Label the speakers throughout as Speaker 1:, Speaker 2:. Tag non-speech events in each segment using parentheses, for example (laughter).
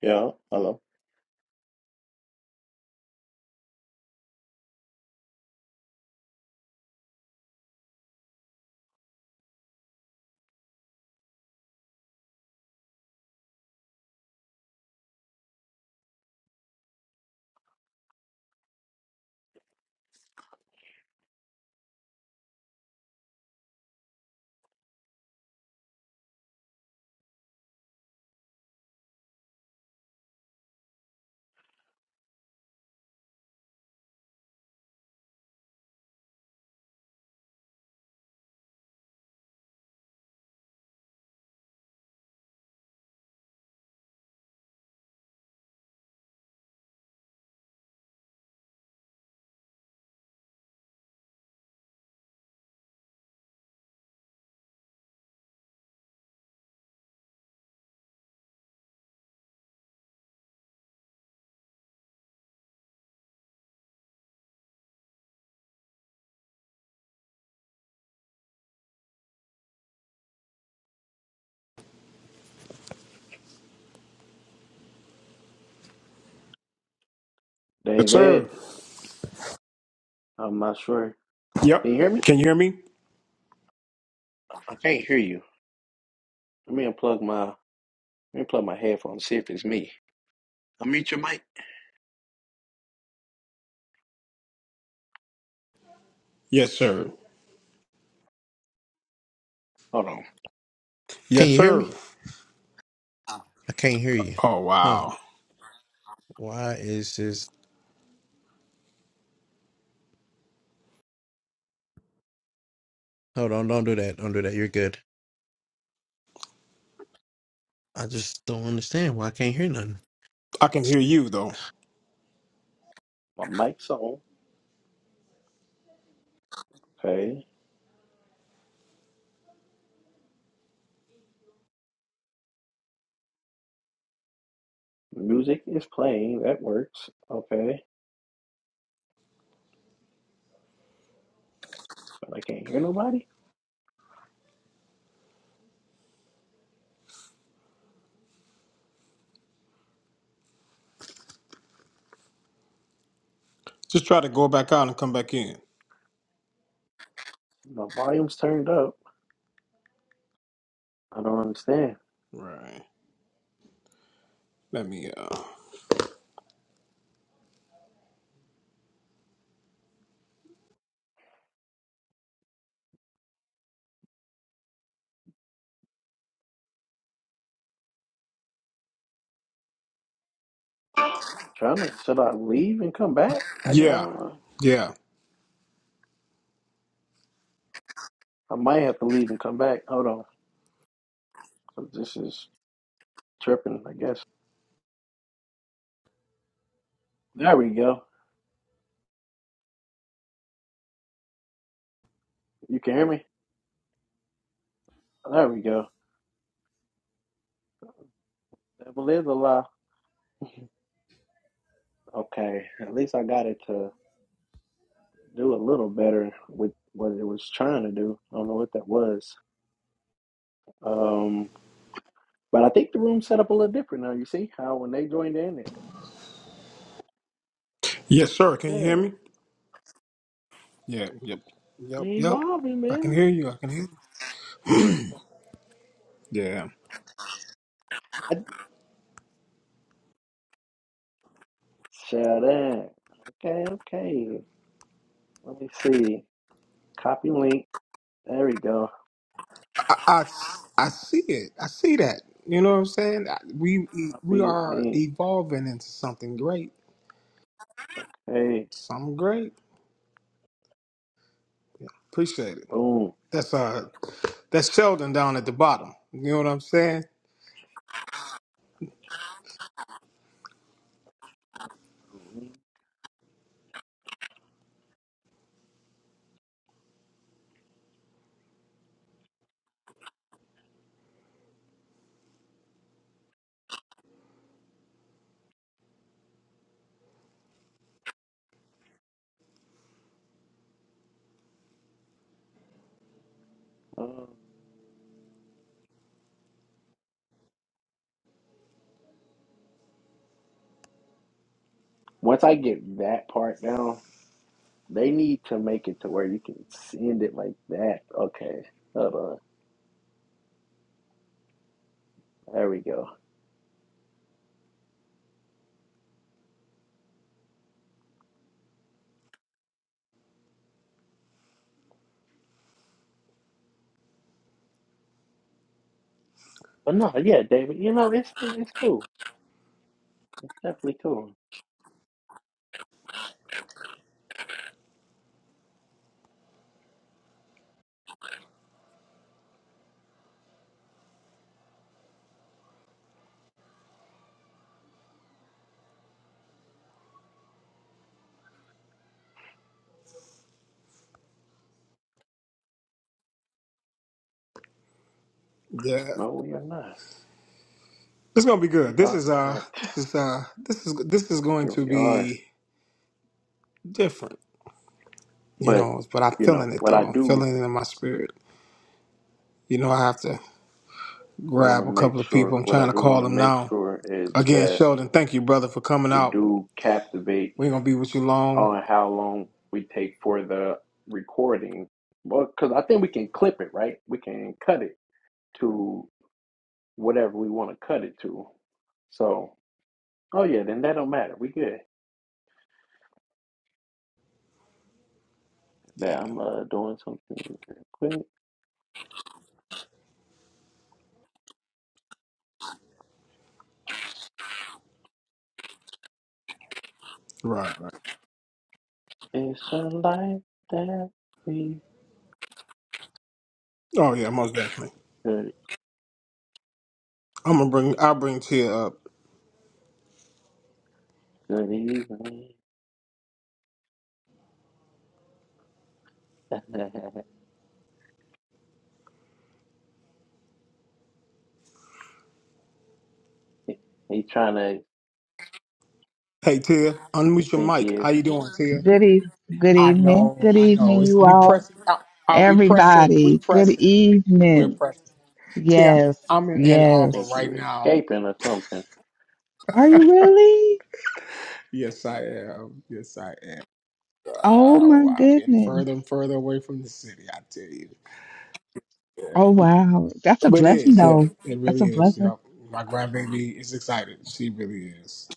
Speaker 1: Yeah, hello.
Speaker 2: Yes,
Speaker 1: David,
Speaker 2: sir.
Speaker 1: I'm not sure. Can you
Speaker 2: Yep.
Speaker 1: hear me?
Speaker 2: Can you hear me?
Speaker 1: I can't hear you. Let me unplug my let me plug my headphones, see if it's me. I'll mute your mic.
Speaker 2: Yes, sir.
Speaker 1: Hold on. Can
Speaker 2: Yes,
Speaker 1: you hear
Speaker 2: sir.
Speaker 1: me? I can't hear you.
Speaker 2: Oh,
Speaker 1: Huh.
Speaker 2: wow.
Speaker 1: Why is this hold on, don't do that. Don't do that. You're good. I just don't understand why I can't hear nothing.
Speaker 2: I can hear you, though.
Speaker 1: My mic's on. Okay. Music is playing. That works. Okay. But I can't hear nobody.
Speaker 2: Just try to go back out and come back in.
Speaker 1: My volume's turned up. I don't understand.
Speaker 2: Right. Let me, uh,
Speaker 1: trying to should I leave and come back? Like, I
Speaker 2: yeah.
Speaker 1: go.
Speaker 2: Yeah.
Speaker 1: I might have to leave and come back. Hold on, This is tripping, I guess. There we go. You can hear me? There we go. Devil is a lie. Okay. At least I got it to do a little better with what it was trying to do. I don't know what that was. Um, but I think the room set up a little different now. You see how when they joined in it.
Speaker 2: Yes, sir. Can you hear
Speaker 1: Yeah.
Speaker 2: me? Yeah. Yep. Yep.
Speaker 1: We
Speaker 2: Yep.
Speaker 1: evolving,
Speaker 2: I can
Speaker 1: man.
Speaker 2: hear you. I can hear you. Yeah.
Speaker 1: I, shut up. Okay, okay. Let me see. Copy link. There we go.
Speaker 2: I, I, I see it. I see that. You know what I'm saying? I- We, we
Speaker 1: Copy
Speaker 2: are
Speaker 1: link.
Speaker 2: evolving into something great.
Speaker 1: Okay.
Speaker 2: Something great. Appreciate it.
Speaker 1: Boom.
Speaker 2: That's uh that's Sheldon down at the bottom. You know what I'm saying?
Speaker 1: Uh, once I get that part down, they need to make it to where you can send it like that. Okay, hold on. There we go. But no, yeah, David, you know, it's it's cool. It's definitely cool.
Speaker 2: Yeah.
Speaker 1: No, we are not.
Speaker 2: It's gonna be
Speaker 1: We
Speaker 2: good. This
Speaker 1: are
Speaker 2: is uh
Speaker 1: not.
Speaker 2: this is uh this is this is going
Speaker 1: Here
Speaker 2: to
Speaker 1: we are.
Speaker 2: be different, you
Speaker 1: But,
Speaker 2: know, but I'm
Speaker 1: you know,
Speaker 2: feeling it
Speaker 1: what
Speaker 2: though.
Speaker 1: I
Speaker 2: I'm
Speaker 1: do
Speaker 2: feeling it in my spirit. You know, I have to
Speaker 1: want to
Speaker 2: grab a
Speaker 1: make
Speaker 2: couple of
Speaker 1: sure,
Speaker 2: people. I'm
Speaker 1: what I
Speaker 2: trying to
Speaker 1: do want
Speaker 2: call
Speaker 1: to
Speaker 2: them
Speaker 1: make
Speaker 2: now.
Speaker 1: sure is
Speaker 2: Again,
Speaker 1: that
Speaker 2: Sheldon, thank you, brother, for coming
Speaker 1: we
Speaker 2: out.
Speaker 1: do captivate
Speaker 2: We ain't gonna be with you long.
Speaker 1: on how long we take for the recording. Well, because I think we can clip it, right? We can cut it to whatever we want to cut it to. So, oh yeah, then that don't matter. We good. But
Speaker 2: Yeah.
Speaker 1: I'm uh, doing something real quick.
Speaker 2: Right, right.
Speaker 1: It's a life that we
Speaker 2: Oh yeah, most definitely.
Speaker 1: good,
Speaker 2: I'm gonna bring I'll bring Tia up.
Speaker 1: good evening. (laughs) He's trying to
Speaker 2: Hey Tia, unmute
Speaker 1: (laughs)
Speaker 2: your
Speaker 1: think he
Speaker 2: mic.
Speaker 1: is
Speaker 2: How you doing, Tia?
Speaker 3: Good evening. Good
Speaker 2: I
Speaker 3: evening.
Speaker 2: know,
Speaker 3: Good
Speaker 2: I know.
Speaker 3: evening,
Speaker 2: It's,
Speaker 3: you
Speaker 2: we
Speaker 3: all.
Speaker 2: pressing. Are, are we pressing? We
Speaker 3: Everybody. Good
Speaker 2: pressing. We're
Speaker 3: evening.
Speaker 2: pressing. Tia,
Speaker 3: Yes.
Speaker 2: I'm in Ann Arbor
Speaker 1: think
Speaker 3: Yes.
Speaker 2: right
Speaker 1: you
Speaker 2: now.
Speaker 1: escaping or something.
Speaker 3: Are you really?
Speaker 2: Yes, I am. Yes, I am.
Speaker 3: Oh my
Speaker 2: Oh, I'm getting
Speaker 3: goodness.
Speaker 2: further and further away from the city. I tell you,
Speaker 3: Oh wow. That's a
Speaker 2: but it
Speaker 3: blessing
Speaker 2: is. Yeah,
Speaker 3: though.
Speaker 2: it
Speaker 3: That's
Speaker 2: really
Speaker 3: a
Speaker 2: is.
Speaker 3: blessing.
Speaker 2: Yep. My grandbaby is excited. She really is.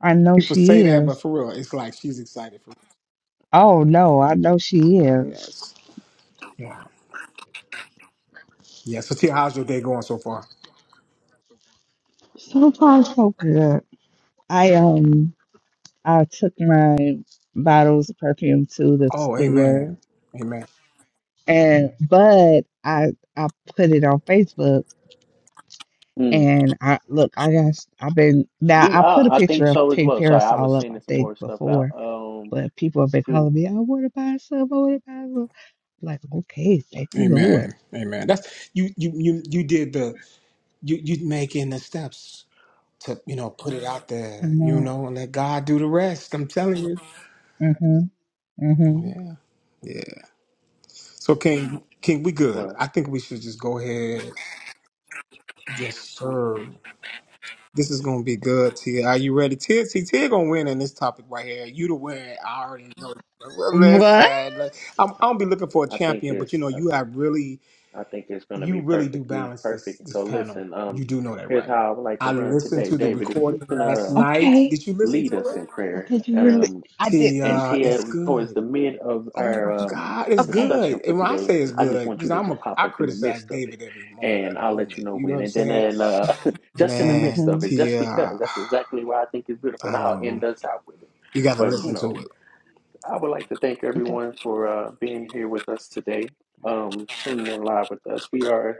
Speaker 3: I know
Speaker 2: People say
Speaker 3: she
Speaker 2: that, but
Speaker 3: is.
Speaker 2: for real, it's like she's excited for.
Speaker 3: Oh no, I know she
Speaker 2: She's like,
Speaker 3: is.
Speaker 2: yes, yeah, yeah. So, Tia, how's your day going so far?
Speaker 3: So far so good. I um I took my bottles of perfume to the
Speaker 2: Oh, amen,
Speaker 3: store
Speaker 2: amen.
Speaker 3: and but I I put it on Facebook
Speaker 1: Hmm.
Speaker 3: And I look, I guess I've been now.
Speaker 1: We
Speaker 3: I
Speaker 1: are.
Speaker 3: put a
Speaker 1: I think
Speaker 3: picture of
Speaker 1: so as
Speaker 3: Pink
Speaker 1: well. Sorry, I was
Speaker 3: Parasol up, I
Speaker 1: sending some
Speaker 3: think,
Speaker 1: more stuff out.
Speaker 3: before,
Speaker 1: Um,
Speaker 3: but people have been
Speaker 1: through.
Speaker 3: calling me, I want to buy some, I want to buy some. Like, okay, thank you, Lord.
Speaker 2: Amen. Amen. That's you you you you did the you you making the steps to, you know, put it out
Speaker 3: I
Speaker 2: there, you
Speaker 3: know.
Speaker 2: know, and let God do the rest. I'm telling you.
Speaker 3: Mm-hmm. Mm-hmm.
Speaker 2: Yeah. Yeah. So King King, we good.
Speaker 1: Well,
Speaker 2: I think we should just go ahead. Yes, sir. This is gonna be good, Tia. Are you ready? Tia see, Tia gonna win in this topic right here. You the winner. I already know. Well,
Speaker 3: What?
Speaker 2: Listen, look, I'm, I'm be looking for a
Speaker 1: I think
Speaker 2: champion, but you
Speaker 1: it's
Speaker 2: know,
Speaker 1: I
Speaker 2: you have really
Speaker 1: I think it's going to
Speaker 2: you
Speaker 1: be
Speaker 2: really do
Speaker 1: perfectly
Speaker 2: balance this
Speaker 1: perfect.
Speaker 2: this
Speaker 1: So
Speaker 2: panel.
Speaker 1: listen, um,
Speaker 2: You do know that,
Speaker 1: here's
Speaker 2: right?
Speaker 1: how I would like to
Speaker 2: I
Speaker 1: run
Speaker 2: listened
Speaker 1: today,
Speaker 2: to the
Speaker 1: David. If you
Speaker 2: recording
Speaker 1: can
Speaker 2: last
Speaker 1: uh
Speaker 2: night.
Speaker 3: Okay.
Speaker 2: Did you listen
Speaker 1: lead
Speaker 2: to
Speaker 1: us in
Speaker 2: it?
Speaker 1: prayer,
Speaker 3: Did you really?
Speaker 1: um,
Speaker 3: I
Speaker 2: Tia?
Speaker 3: didn't.
Speaker 1: and Tia,
Speaker 2: it's
Speaker 1: towards
Speaker 2: good.
Speaker 1: the mid of
Speaker 2: Oh
Speaker 1: our
Speaker 2: my
Speaker 1: um
Speaker 2: God, it's
Speaker 3: Okay.
Speaker 1: discussion
Speaker 2: good.
Speaker 1: for
Speaker 2: And when I
Speaker 1: today,
Speaker 2: say it's
Speaker 1: I just
Speaker 2: good,
Speaker 1: want you
Speaker 2: because
Speaker 1: to
Speaker 2: I'm
Speaker 1: just
Speaker 2: a
Speaker 1: pop
Speaker 2: I
Speaker 1: up in the
Speaker 2: criticize
Speaker 1: midst of it,
Speaker 2: David every moment of
Speaker 1: and
Speaker 2: the
Speaker 1: I'll let you
Speaker 2: moment.
Speaker 1: know
Speaker 2: You know what
Speaker 1: when.
Speaker 2: I'm
Speaker 1: And then
Speaker 2: saying?
Speaker 1: and uh, (laughs) just in the
Speaker 2: Man,
Speaker 1: midst of
Speaker 3: Mm-hmm.
Speaker 1: it, just
Speaker 2: Tia,
Speaker 1: because that's exactly why I think it's beautiful, and
Speaker 2: I
Speaker 1: I'll end
Speaker 2: know.
Speaker 1: us out with it.
Speaker 2: You got to
Speaker 1: But you
Speaker 2: listen to
Speaker 1: know.
Speaker 2: it.
Speaker 1: I would like to thank
Speaker 3: Okay.
Speaker 1: everyone for uh, being here with us today, um, tuning in live with us. We are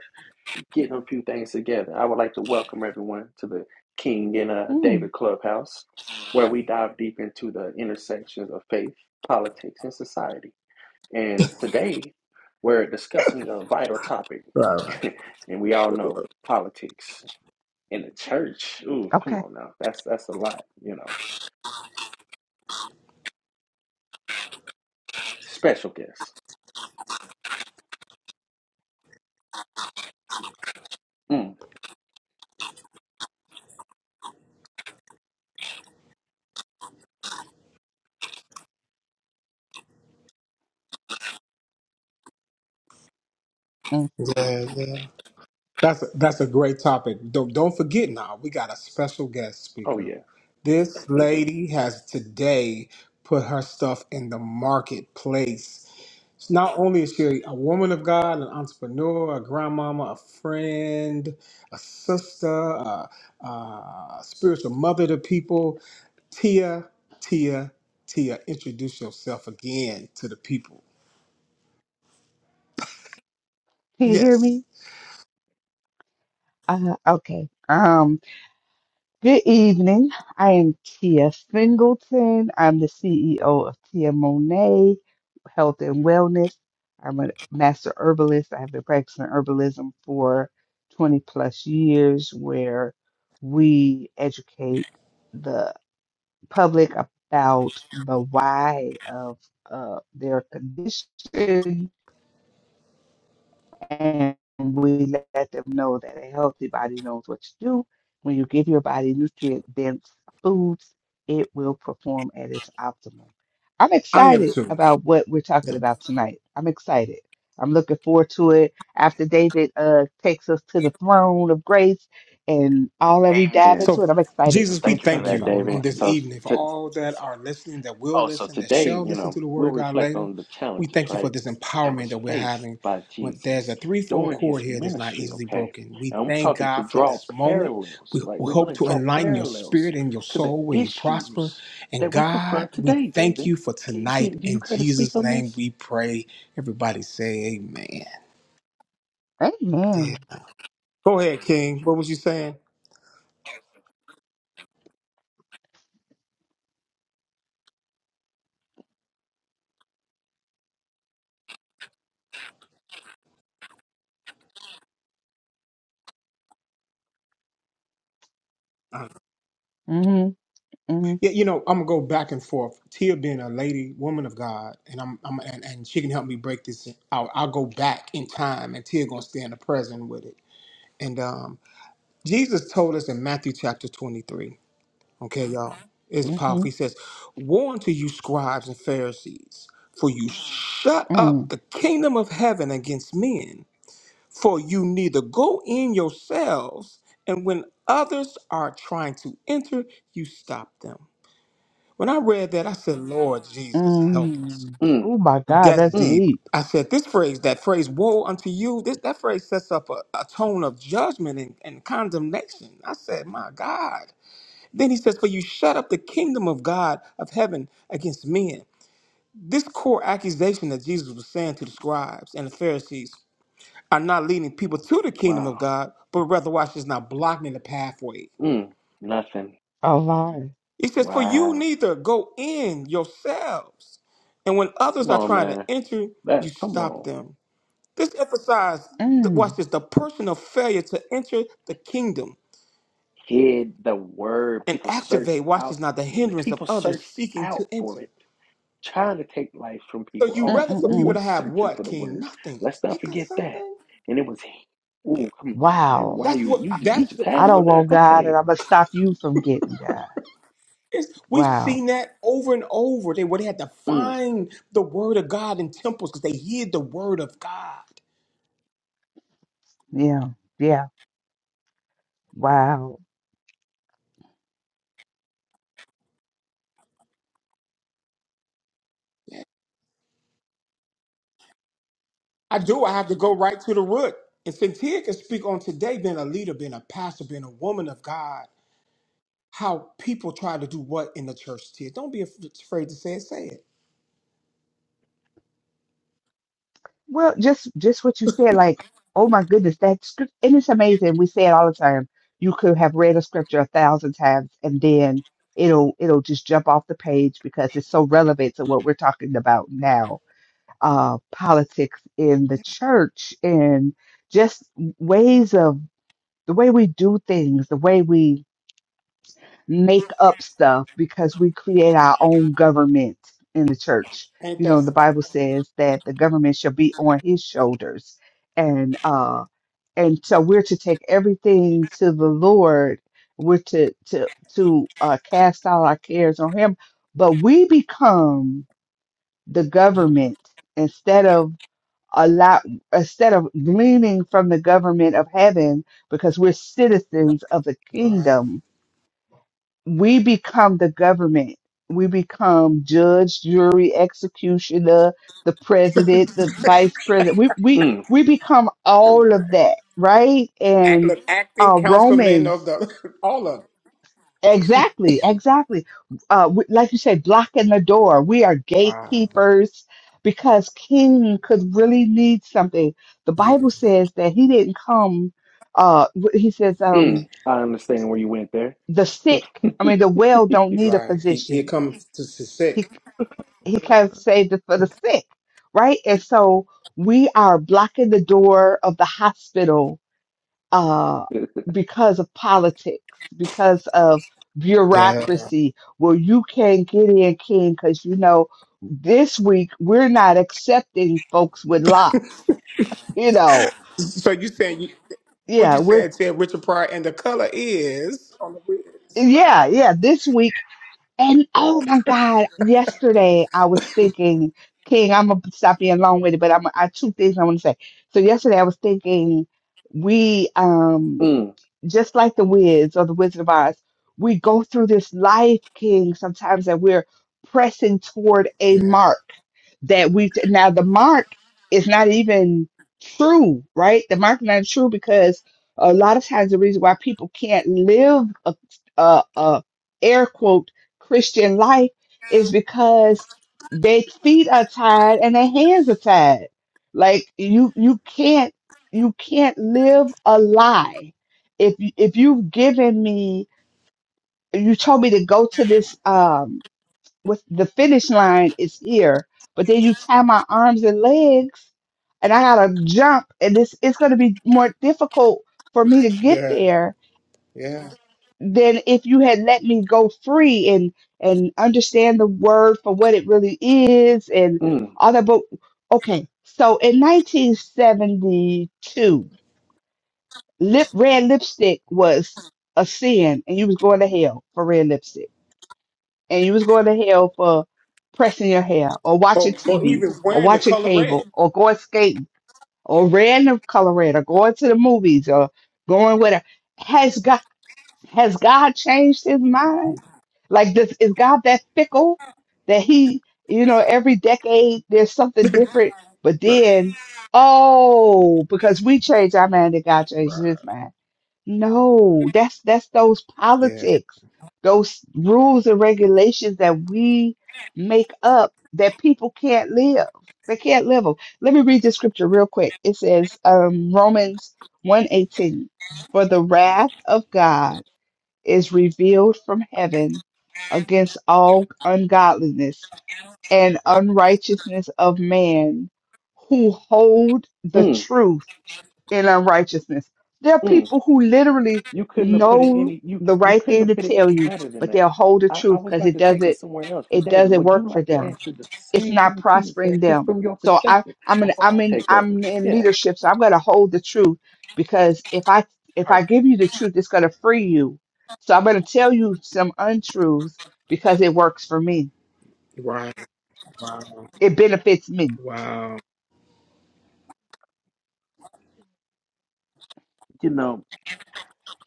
Speaker 1: getting a few things together. I would like to welcome everyone to the King and uh,
Speaker 3: Mm,
Speaker 1: David Clubhouse, where we dive deep into the intersections of faith, politics, and society. And today, we're discussing a vital topic,
Speaker 2: Right,
Speaker 1: (laughs)
Speaker 2: right.
Speaker 1: and we all know politics in the church. Ooh, come
Speaker 3: okay.
Speaker 1: on now, that's that's a lot, you know. Special guest. Mm.
Speaker 3: Mm.
Speaker 2: Yeah. Yeah. That's a, that's a great topic. Don't don't forget now, we got a special guest
Speaker 1: Oh
Speaker 2: speaker.
Speaker 1: yeah.
Speaker 2: This lady has today put her stuff in the marketplace. Not only is she a woman of God, an entrepreneur, a grandmama, a friend, a sister, a, a spiritual mother to people, Tia, Tia, Tia, introduce yourself again to the people.
Speaker 3: Can you hear
Speaker 2: Yes,
Speaker 3: me? Uh, okay. um, Good evening. I am Tia Singleton. I'm the CEO of Tia Monet Health and Wellness. I'm a master herbalist. I have been practicing herbalism for 20 plus years, where we educate the public about the why of uh, their condition and we let them know that a healthy body knows what to do. When you give your body nutrient dense foods, it will perform at its optimum. I'm
Speaker 2: I am
Speaker 3: excited
Speaker 2: too.
Speaker 3: about what we're talking about tonight. I'm excited. I'm looking forward to it after David uh, takes us to the throne of grace and all that we dive
Speaker 1: Amen.
Speaker 3: into
Speaker 2: So,
Speaker 3: it. I'm excited.
Speaker 1: Well,
Speaker 2: Jesus, we
Speaker 3: I'm
Speaker 1: Thank you for
Speaker 2: thank
Speaker 3: excited
Speaker 1: that,
Speaker 3: about
Speaker 2: you
Speaker 3: what we're
Speaker 2: on
Speaker 1: David.
Speaker 3: talking
Speaker 2: this
Speaker 1: So,
Speaker 3: about.
Speaker 2: evening for
Speaker 1: t-
Speaker 2: all that are listening, that will
Speaker 1: oh, so
Speaker 2: listen, that
Speaker 1: today,
Speaker 2: shall
Speaker 1: you
Speaker 2: listen to
Speaker 1: know,
Speaker 2: the Word
Speaker 1: we'll
Speaker 2: of God
Speaker 1: reflect
Speaker 2: later.
Speaker 1: on the
Speaker 2: We
Speaker 1: challenges,
Speaker 2: thank you for
Speaker 1: right,
Speaker 2: this
Speaker 1: that
Speaker 2: empowerment
Speaker 1: was
Speaker 2: that we're
Speaker 1: faced
Speaker 2: having.
Speaker 1: by
Speaker 2: When there's
Speaker 1: Jesus
Speaker 2: a threefold
Speaker 1: during his
Speaker 2: cord here that's not
Speaker 1: ministry.
Speaker 2: easily
Speaker 1: Okay,
Speaker 2: broken. We
Speaker 1: and I'm
Speaker 2: thank
Speaker 1: talking
Speaker 2: God
Speaker 1: to
Speaker 2: for
Speaker 1: draw
Speaker 2: this moment.
Speaker 1: parallels.
Speaker 2: We,
Speaker 1: Like,
Speaker 2: we
Speaker 1: we're
Speaker 2: hope
Speaker 1: going to
Speaker 2: to
Speaker 1: draw
Speaker 2: enlighten your
Speaker 1: parallels
Speaker 2: spirit and your
Speaker 1: to the
Speaker 2: soul where you prosper.
Speaker 1: issues
Speaker 2: And
Speaker 1: that we
Speaker 2: God,
Speaker 1: confront
Speaker 2: we
Speaker 1: today,
Speaker 2: thank
Speaker 1: David.
Speaker 2: you for
Speaker 1: Can,
Speaker 2: tonight.
Speaker 1: can do you
Speaker 2: In
Speaker 1: care to speak
Speaker 2: Jesus'
Speaker 1: on
Speaker 2: name
Speaker 1: this?
Speaker 2: we pray. Everybody say amen.
Speaker 3: Amen.
Speaker 2: Yeah. Go ahead, King. What was you saying?
Speaker 3: Mm-hmm, mm-hmm,
Speaker 2: Yeah, you know, I'm gonna go back and forth. Tia being a lady, woman of God, and I'm, I'm and, and she can help me break this out. I'll go back in time, and Tia gonna stay in the present with it. And um, Jesus told us in Matthew chapter 23. Okay, y'all, it's powerful. He
Speaker 3: mm-hmm,
Speaker 2: says, "Woe unto you, scribes and Pharisees, for you shut up the kingdom of heaven against men. For you neither go in yourselves, and when others are trying to enter, you stop them." When I read that, I said, Lord Jesus, help us.
Speaker 3: mm-hmm.
Speaker 1: Mm,
Speaker 3: Oh my God,
Speaker 2: That's
Speaker 3: that's
Speaker 1: mm,
Speaker 2: deep.
Speaker 3: deep.
Speaker 2: I said, this phrase, that phrase, woe unto you, this that phrase sets up a, a tone of judgment and, and condemnation. I said, my God. Then he says, for you shut up the kingdom of God of heaven against men. This core accusation that Jesus was saying to the scribes and the Pharisees are not leading people to the kingdom of
Speaker 1: wow.
Speaker 2: God, but rather, watch this now, blocking the pathway.
Speaker 1: Mm, nothing.
Speaker 3: Oh Lord.
Speaker 2: He says, For you
Speaker 1: Wow.
Speaker 2: neither go in yourselves. And when others
Speaker 1: Come
Speaker 2: are
Speaker 1: on,
Speaker 2: trying to
Speaker 1: man.
Speaker 2: enter, you
Speaker 1: That. Come
Speaker 2: stop
Speaker 1: on.
Speaker 2: them. This emphasizes,
Speaker 3: Mm,
Speaker 2: watch this, the personal failure to enter the kingdom
Speaker 1: hid the word.
Speaker 2: and
Speaker 1: People searched
Speaker 2: activate, watch
Speaker 1: out.
Speaker 2: this, not the hindrance of
Speaker 1: People
Speaker 2: others
Speaker 1: searched
Speaker 2: seeking
Speaker 1: out
Speaker 2: to
Speaker 1: for
Speaker 2: enter.
Speaker 1: it, trying to take life from
Speaker 2: So
Speaker 1: people.
Speaker 2: you
Speaker 3: mm,
Speaker 1: Oh,
Speaker 2: rather
Speaker 3: mm,
Speaker 1: who
Speaker 2: for people
Speaker 3: mm.
Speaker 1: was
Speaker 2: to have
Speaker 1: searching for
Speaker 2: what,
Speaker 1: the
Speaker 2: King?
Speaker 1: word?
Speaker 2: Nothing.
Speaker 1: Let's not
Speaker 2: Ain't that
Speaker 1: forget that.
Speaker 2: something?
Speaker 1: And it was, oh, come on, now, baby.
Speaker 3: Wow.
Speaker 1: Why
Speaker 2: That's
Speaker 1: you
Speaker 2: what,
Speaker 1: you
Speaker 3: I,
Speaker 1: you
Speaker 2: that's
Speaker 1: just
Speaker 2: what,
Speaker 1: had
Speaker 3: I
Speaker 1: to go
Speaker 3: don't
Speaker 1: there?
Speaker 3: want God, and
Speaker 1: Okay.
Speaker 3: I'm going to stop you from getting God.
Speaker 2: it's, we've seen
Speaker 3: Wow.
Speaker 2: that over and over. They, where they had to
Speaker 1: Mm,
Speaker 2: find the word of God in temples because they hid the word of God.
Speaker 3: Yeah. Yeah. Wow.
Speaker 2: I do. I have to go right to the root. And Cynthia can speak on today being a leader, being a pastor, being a woman of God, how people try to do what in the church, Tia. Don't be af- afraid to say it. Say it.
Speaker 3: Well, just just what you said, like, oh my goodness, that script, and it's amazing. We say it all the time. You could have read a scripture a thousand times, and then it'll it'll just jump off the page because it's so relevant to what we're talking about now. Uh, politics in the church and just ways of the way we do things, the way we make up stuff, because we create our own government in the church.
Speaker 2: Ain't
Speaker 3: You
Speaker 2: that
Speaker 3: know, the
Speaker 2: something?
Speaker 3: Bible says that the government shall be on his shoulders. And uh and so we're to take everything to the Lord. We're to to to uh cast all our cares on him. But we become the government instead of allow instead of gleaning from the government of heaven because we're citizens of the
Speaker 2: Right.
Speaker 3: kingdom we become the government we become judge jury executioner the president the vice president we we
Speaker 1: mm,
Speaker 3: we become
Speaker 2: right.
Speaker 3: all of that right
Speaker 2: Act,
Speaker 3: and
Speaker 2: look, acting
Speaker 3: uh
Speaker 2: councilman
Speaker 3: romans
Speaker 2: of the, (laughs) all of it.
Speaker 3: Exactly, exactly. Uh, w- like you said, blocking the door. We are
Speaker 2: Wow.
Speaker 3: gatekeepers because King could really need something. The Bible says that he didn't come. Uh, w- he says, um,
Speaker 1: mm. I understand where you went there.
Speaker 3: the sick.
Speaker 1: (laughs)
Speaker 3: I
Speaker 1: mm,
Speaker 3: mean, the well don't need a
Speaker 2: Right. He, he
Speaker 3: physician.
Speaker 2: comes to, to sick.
Speaker 3: He he kind of saved it for the sick, right? And so we are blocking the door of the hospital uh, because of politics, because of
Speaker 2: Yeah.
Speaker 3: bureaucracy, where you can't get in, King, because you know, this week we're not accepting folks with locks. You know,
Speaker 2: So you saying, you, what
Speaker 3: yeah,
Speaker 2: you
Speaker 3: we're,
Speaker 2: saying, Tia, Richard Pryor, and the color is on the wigs. Right.
Speaker 3: yeah, yeah, this week. And oh my God, yesterday I was thinking, King, I'm going to stop being long with it, but I'm, I two things I want to say. So yesterday I was thinking, we, um.
Speaker 1: mm,
Speaker 3: just like the Wiz or the Wizard of Oz, we go through this life, King, sometimes that we're pressing toward a
Speaker 2: Yeah.
Speaker 3: mark that we now the mark is not even true, right? The mark is not true because a lot of times the reason why people can't live a, a, a air quote Christian life is because their feet are tied and their hands are tied. Like you, you can't, you can't live a lie if you- if you've given me you told me to go to this um with the finish line is here but then you tie my arms and legs and i gotta jump and this it's gonna be more difficult for me to get
Speaker 2: Yeah.
Speaker 3: there
Speaker 2: Yeah.
Speaker 3: than if you had let me go free and and understand the word for what it really is and
Speaker 1: mm,
Speaker 3: all that but okay so in 1972 lip red lipstick was a sin and you was going to hell for red lipstick and you was going to hell for pressing your hair or watching
Speaker 2: Or, or
Speaker 3: TV
Speaker 2: even
Speaker 3: or
Speaker 2: wearing the
Speaker 3: watching
Speaker 2: color red.
Speaker 3: cable or going skating or random color red or going to the movies or going with a has God has God changed his mind? Like this is God that fickle that he you know every decade there's something different but
Speaker 2: Right.
Speaker 3: then oh because we change our mind that God changes his
Speaker 2: Right.
Speaker 3: mind no, that's that's those
Speaker 2: Yeah.
Speaker 3: politics, those rules and regulations that we make up that people can't live. They can't live them. Let me read the scripture real quick. It says, um, Romans 1:18, for the wrath of God is revealed from heaven against all ungodliness and unrighteousness of man who hold the
Speaker 1: mm.
Speaker 3: truth in unrighteousness. There are people who literally
Speaker 1: You couldn't have put it
Speaker 3: know
Speaker 1: any you
Speaker 3: the
Speaker 1: you
Speaker 3: right
Speaker 1: couldn't
Speaker 3: thing
Speaker 1: have
Speaker 3: to
Speaker 1: put it
Speaker 3: tell
Speaker 1: any
Speaker 3: you,
Speaker 1: better than
Speaker 3: but
Speaker 1: that.
Speaker 3: they'll hold the
Speaker 1: I, I
Speaker 3: truth
Speaker 1: was
Speaker 3: because
Speaker 1: about
Speaker 3: it
Speaker 1: to take
Speaker 3: doesn't
Speaker 1: us somewhere else, but
Speaker 3: it
Speaker 1: David,
Speaker 3: doesn't
Speaker 1: would you
Speaker 3: work for
Speaker 1: like to
Speaker 2: Right.
Speaker 3: them.
Speaker 1: answer the
Speaker 3: It's
Speaker 1: same
Speaker 3: not
Speaker 1: thing Tia
Speaker 3: prospering
Speaker 1: said, just
Speaker 3: them.
Speaker 1: from your
Speaker 3: So I
Speaker 1: perspective,
Speaker 3: I'm in
Speaker 1: before I
Speaker 3: I'm in
Speaker 1: take over?
Speaker 3: I'm in
Speaker 1: Yeah,
Speaker 3: leadership, so I'm gonna hold the truth because if I if I
Speaker 1: perfect.
Speaker 3: give you the truth, it's gonna free you. So I'm gonna tell you some untruths because it works for me.
Speaker 2: Right. Wow.
Speaker 3: It benefits me.
Speaker 2: Wow.
Speaker 1: You know,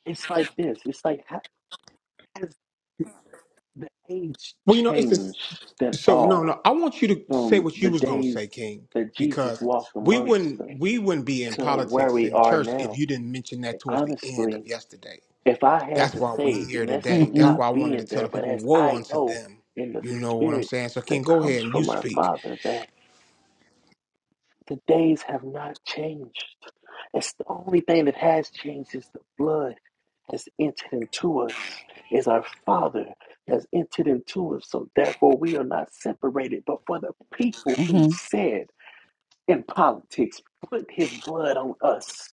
Speaker 1: it's like this. It's like how has the age
Speaker 2: Well, you know, it's just
Speaker 1: changed at
Speaker 2: so no,
Speaker 1: all
Speaker 2: no. I want you to say
Speaker 1: from
Speaker 2: what
Speaker 1: the
Speaker 2: you was gonna
Speaker 1: days
Speaker 2: say, King,
Speaker 1: that Jesus
Speaker 2: because
Speaker 1: walked
Speaker 2: we
Speaker 1: amongst
Speaker 2: wouldn't
Speaker 1: us
Speaker 2: we wouldn't be in
Speaker 1: to where
Speaker 2: politics
Speaker 1: we
Speaker 2: and
Speaker 1: are
Speaker 2: church if
Speaker 1: now?
Speaker 2: you didn't mention that towards the end
Speaker 1: Honestly,
Speaker 2: of yesterday.
Speaker 1: If I had
Speaker 2: That's
Speaker 1: to
Speaker 2: why we
Speaker 1: say,
Speaker 2: here
Speaker 1: and that's
Speaker 2: today.
Speaker 1: from
Speaker 2: That's
Speaker 3: Mm-hmm.
Speaker 1: not
Speaker 2: why I wanted to
Speaker 1: being
Speaker 2: tell
Speaker 1: there,
Speaker 2: the
Speaker 1: but
Speaker 2: people,
Speaker 1: as
Speaker 2: woe
Speaker 1: I
Speaker 2: unto
Speaker 1: know
Speaker 2: them.
Speaker 1: in the
Speaker 2: You know what I'm
Speaker 1: spirit
Speaker 2: saying? So,
Speaker 1: that
Speaker 2: King, go ahead
Speaker 1: comes
Speaker 2: and you
Speaker 1: from our
Speaker 2: speak.
Speaker 1: Father, that the days have not changed. It's the only thing that has changed is the blood has entered into us, is our Father has entered into us. So therefore, we are not separated. But for the people who
Speaker 3: Mm-hmm.
Speaker 1: said in politics, put his blood on us,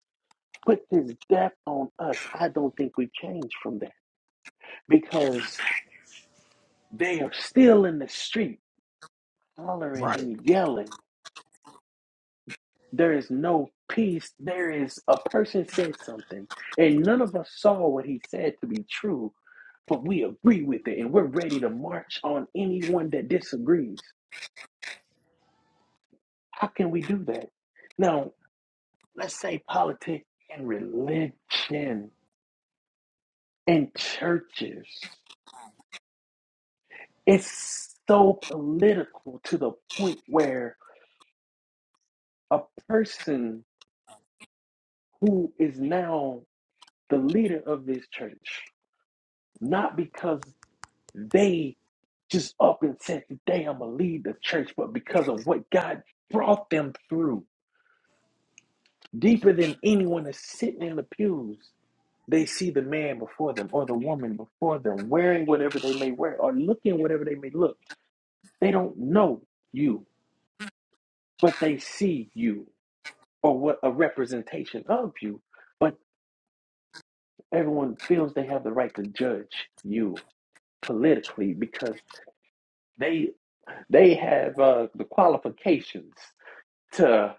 Speaker 1: put his death on us, I don't think we change from that because. They are still in the street hollering
Speaker 2: Right.
Speaker 1: and yelling. There is no peace. There is a person said something, and none of us saw what he said to be true, but we agree with it, and we're ready to march on anyone that disagrees. How can we do that? Now, let's say politics and religion and churches. It's so political to the point where a person who is now the leader of this church, not because they just up and said, Today I'm going to lead the church, but because of what God brought them through. Deeper than anyone is sitting in the pews, they see the man before them or the woman before them wearing whatever they may wear or looking whatever they may look. They don't know you, but they see you or what a representation of you. But everyone feels they have the right to judge you politically because. they. They have uh, the qualifications to.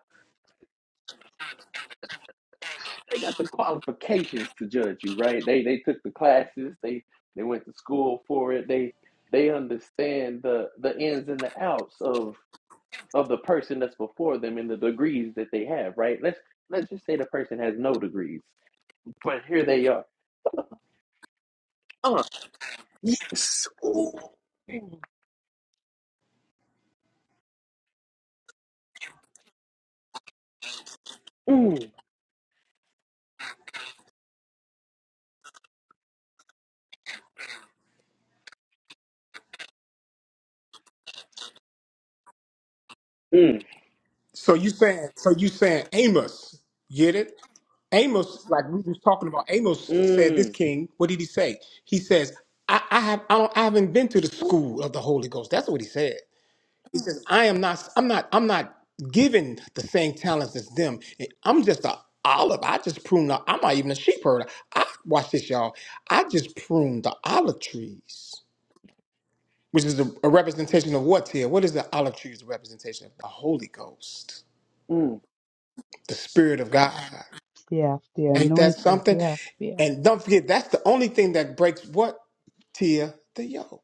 Speaker 1: They got the qualifications to judge you, right? They they took the classes. They they went to school for it. They they understand the the ins and the outs of of the person that's before them and the degrees that they have, right? Let's let's just say the person has no degrees, but here they are. Uh, yes. Ooh. Mm, mm,
Speaker 2: So you saying so you saying Amos, get it? Amos, like we was talking about, Amos said this
Speaker 1: mm,
Speaker 2: king, what did he say? He says, I, I have I don't I haven't been to the
Speaker 1: mm,
Speaker 2: school of the Holy Ghost. That's what he said. He says, I am not I'm not I'm not given the same talents as them. I'm just a olive. I just prune the I'm not even a sheep herder. I watch this, y'all. I just prune the olive trees. Which is a, a representation of what here? What is the olive trees representation of? The Holy Ghost
Speaker 1: mm,
Speaker 2: the Spirit of God.
Speaker 3: Yeah, the
Speaker 2: Ain't that
Speaker 3: anointing.
Speaker 2: something?
Speaker 3: Yeah, yeah,
Speaker 2: And don't forget, that's the only thing that breaks what? Tia, the yoke.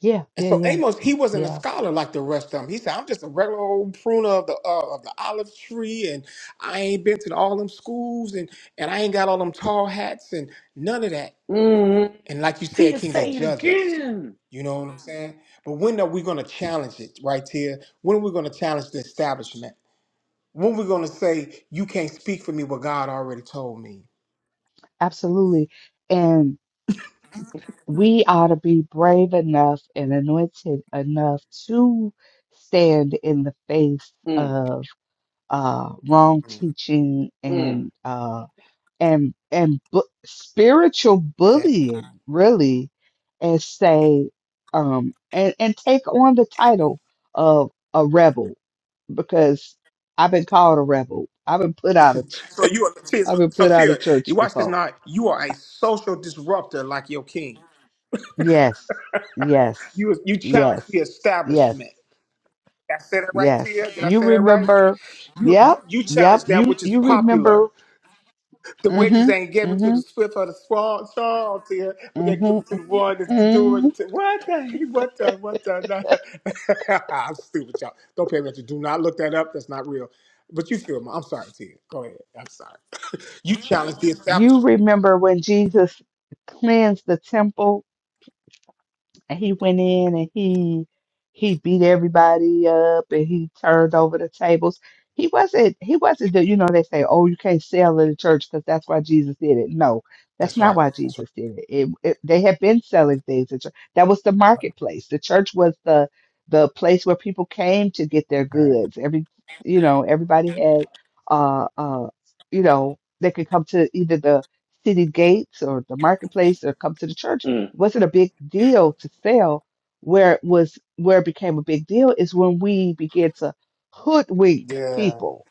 Speaker 3: yeah,
Speaker 2: And
Speaker 3: yeah,
Speaker 2: so
Speaker 3: yeah,
Speaker 2: Amos, he wasn't a
Speaker 3: yeah.
Speaker 2: scholar like the rest of them. He said, I'm just a regular old pruner of the uh, of the olive tree, and I ain't been to all them schools, and, and I ain't got all them tall hats, and none of that.
Speaker 1: mm.
Speaker 2: And like you said,
Speaker 1: Tia,
Speaker 2: King, they
Speaker 1: say it
Speaker 2: judge us.
Speaker 1: again.
Speaker 2: You know what I'm saying? But when are we going to challenge it, right here? When are we going to challenge the establishment? When are we going to say, you can't speak for me what God already told me?
Speaker 3: Absolutely. And we ought to be brave enough and anointed enough to stand in the face
Speaker 1: Mm,
Speaker 3: of uh, wrong teaching
Speaker 1: mm.
Speaker 3: and uh, and and bu- spiritual
Speaker 2: Yeah.
Speaker 3: bullying, really, and say um, and and take on the title of a rebel because I've been called a rebel. I've been put out of ch-
Speaker 2: So you are Tia, so,
Speaker 3: I've been
Speaker 2: so
Speaker 3: put out
Speaker 2: Tia,
Speaker 3: of
Speaker 2: you
Speaker 3: church
Speaker 2: watch this
Speaker 3: before
Speaker 2: now. You are a social disruptor like your king.
Speaker 3: Yes, yes,
Speaker 2: You you challenge the
Speaker 3: yes, yes,
Speaker 2: establishment. Did I say that right,
Speaker 3: yes.
Speaker 2: Tia? Did I
Speaker 3: You
Speaker 2: say that right?
Speaker 3: remember?
Speaker 2: You you,
Speaker 3: Yep,
Speaker 2: you
Speaker 3: yep.
Speaker 2: challenge that
Speaker 3: You
Speaker 2: which is
Speaker 3: you
Speaker 2: popular.
Speaker 3: remember?
Speaker 2: The wages
Speaker 3: Mhm,
Speaker 2: ain't given to the
Speaker 3: mhm,
Speaker 2: swift or the strong, strong Tia, but they're given
Speaker 3: mhm,
Speaker 2: to the one that's doing
Speaker 3: mhm.
Speaker 2: it. What the what the what the? (laughs) I'm stupid, y'all. Don't pay attention. Do not look that up. That's not real. But you feel me? I'm sorry, Tia. Go ahead. I'm sorry. You challenge the
Speaker 3: You
Speaker 2: establishment.
Speaker 3: remember when Jesus cleansed the temple and he went in and he he beat everybody up and he turned over the tables. He wasn't he wasn't the, you know they say oh you can't sell in the church because that's why Jesus did it. No, that's not why Jesus did it. It, it they had been selling things. At church. That was the marketplace. The church was the the place where people came to get their goods. Every you know everybody had uh uh you know they could come to either the city gates or the marketplace or come to the church
Speaker 1: Mm.
Speaker 3: it wasn't a big deal to sell. Where it was where it became a big deal is when we began to hoodwink
Speaker 2: Yeah.
Speaker 3: people.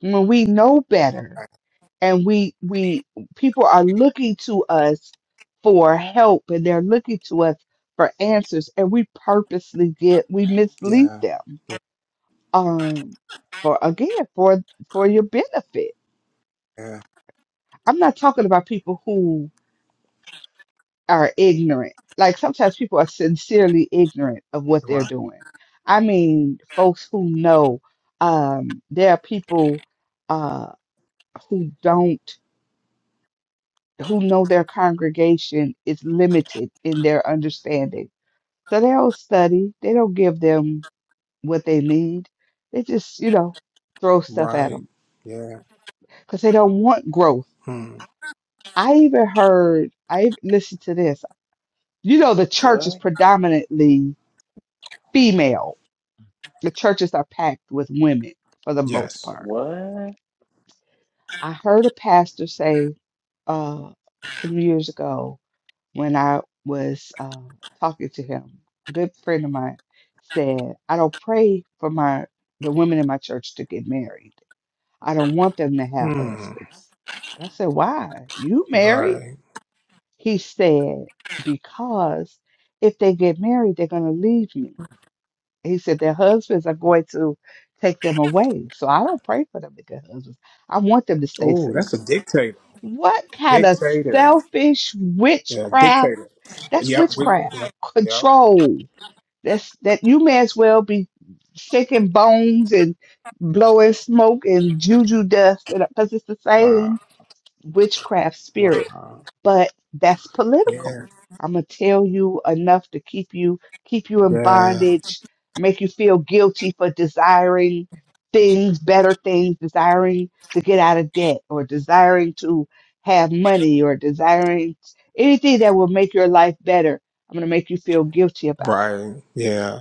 Speaker 3: When we know better
Speaker 2: Right.
Speaker 3: and we we people are looking to us for help and they're looking to us for answers and we purposely get we mislead
Speaker 2: Yeah.
Speaker 3: them. Um for again for for your benefit.
Speaker 2: Yeah.
Speaker 3: I'm not talking about people who are ignorant. Like sometimes people are sincerely ignorant of what they're
Speaker 2: Right.
Speaker 3: doing. I mean, folks who know, um, there are people uh, who don't, who know their congregation is limited in their understanding. So they don't study, they don't give them what they need. They just, you know, throw stuff at
Speaker 2: Right.
Speaker 3: them
Speaker 2: Yeah.
Speaker 3: because they don't want growth.
Speaker 2: Hmm.
Speaker 3: I even heard, I listened to this. You know, the church is
Speaker 1: What?
Speaker 3: predominantly female The churches are packed with women for the most
Speaker 2: Yes.
Speaker 3: part.
Speaker 1: What?
Speaker 3: I heard a pastor say uh, some years ago when I was uh, talking to him, a good friend of mine said, I don't pray for my the women in my church to get married. I don't want them to have
Speaker 2: Hmm.
Speaker 3: husbands. And I said, Why? You married?
Speaker 2: Right.
Speaker 3: He said, Because if they get married, they're going to leave me. He said their husbands are going to take them away. So I don't pray for them to get husbands. I want them to stay
Speaker 2: Oh, that's
Speaker 3: single.
Speaker 2: a dictator.
Speaker 3: What kind of
Speaker 2: Dictator.
Speaker 3: selfish
Speaker 2: Yeah.
Speaker 3: witchcraft?
Speaker 2: Dictator.
Speaker 3: That's
Speaker 2: Yep. We,
Speaker 3: witchcraft.
Speaker 2: yep. Yep.
Speaker 3: Control. That's that you may as well be shaking bones and blowing smoke and juju dust because it's the
Speaker 2: Wow.
Speaker 3: same witchcraft spirit
Speaker 2: Wow.
Speaker 3: but that's political.
Speaker 2: Yeah.
Speaker 3: I'm gonna tell you enough to keep you keep you in
Speaker 2: Yeah.
Speaker 3: bondage, make you feel guilty for desiring things, better things, desiring to get out of debt or desiring to have money or desiring anything that will make your life better. I'm gonna make you feel guilty about that.
Speaker 2: Right. Yeah.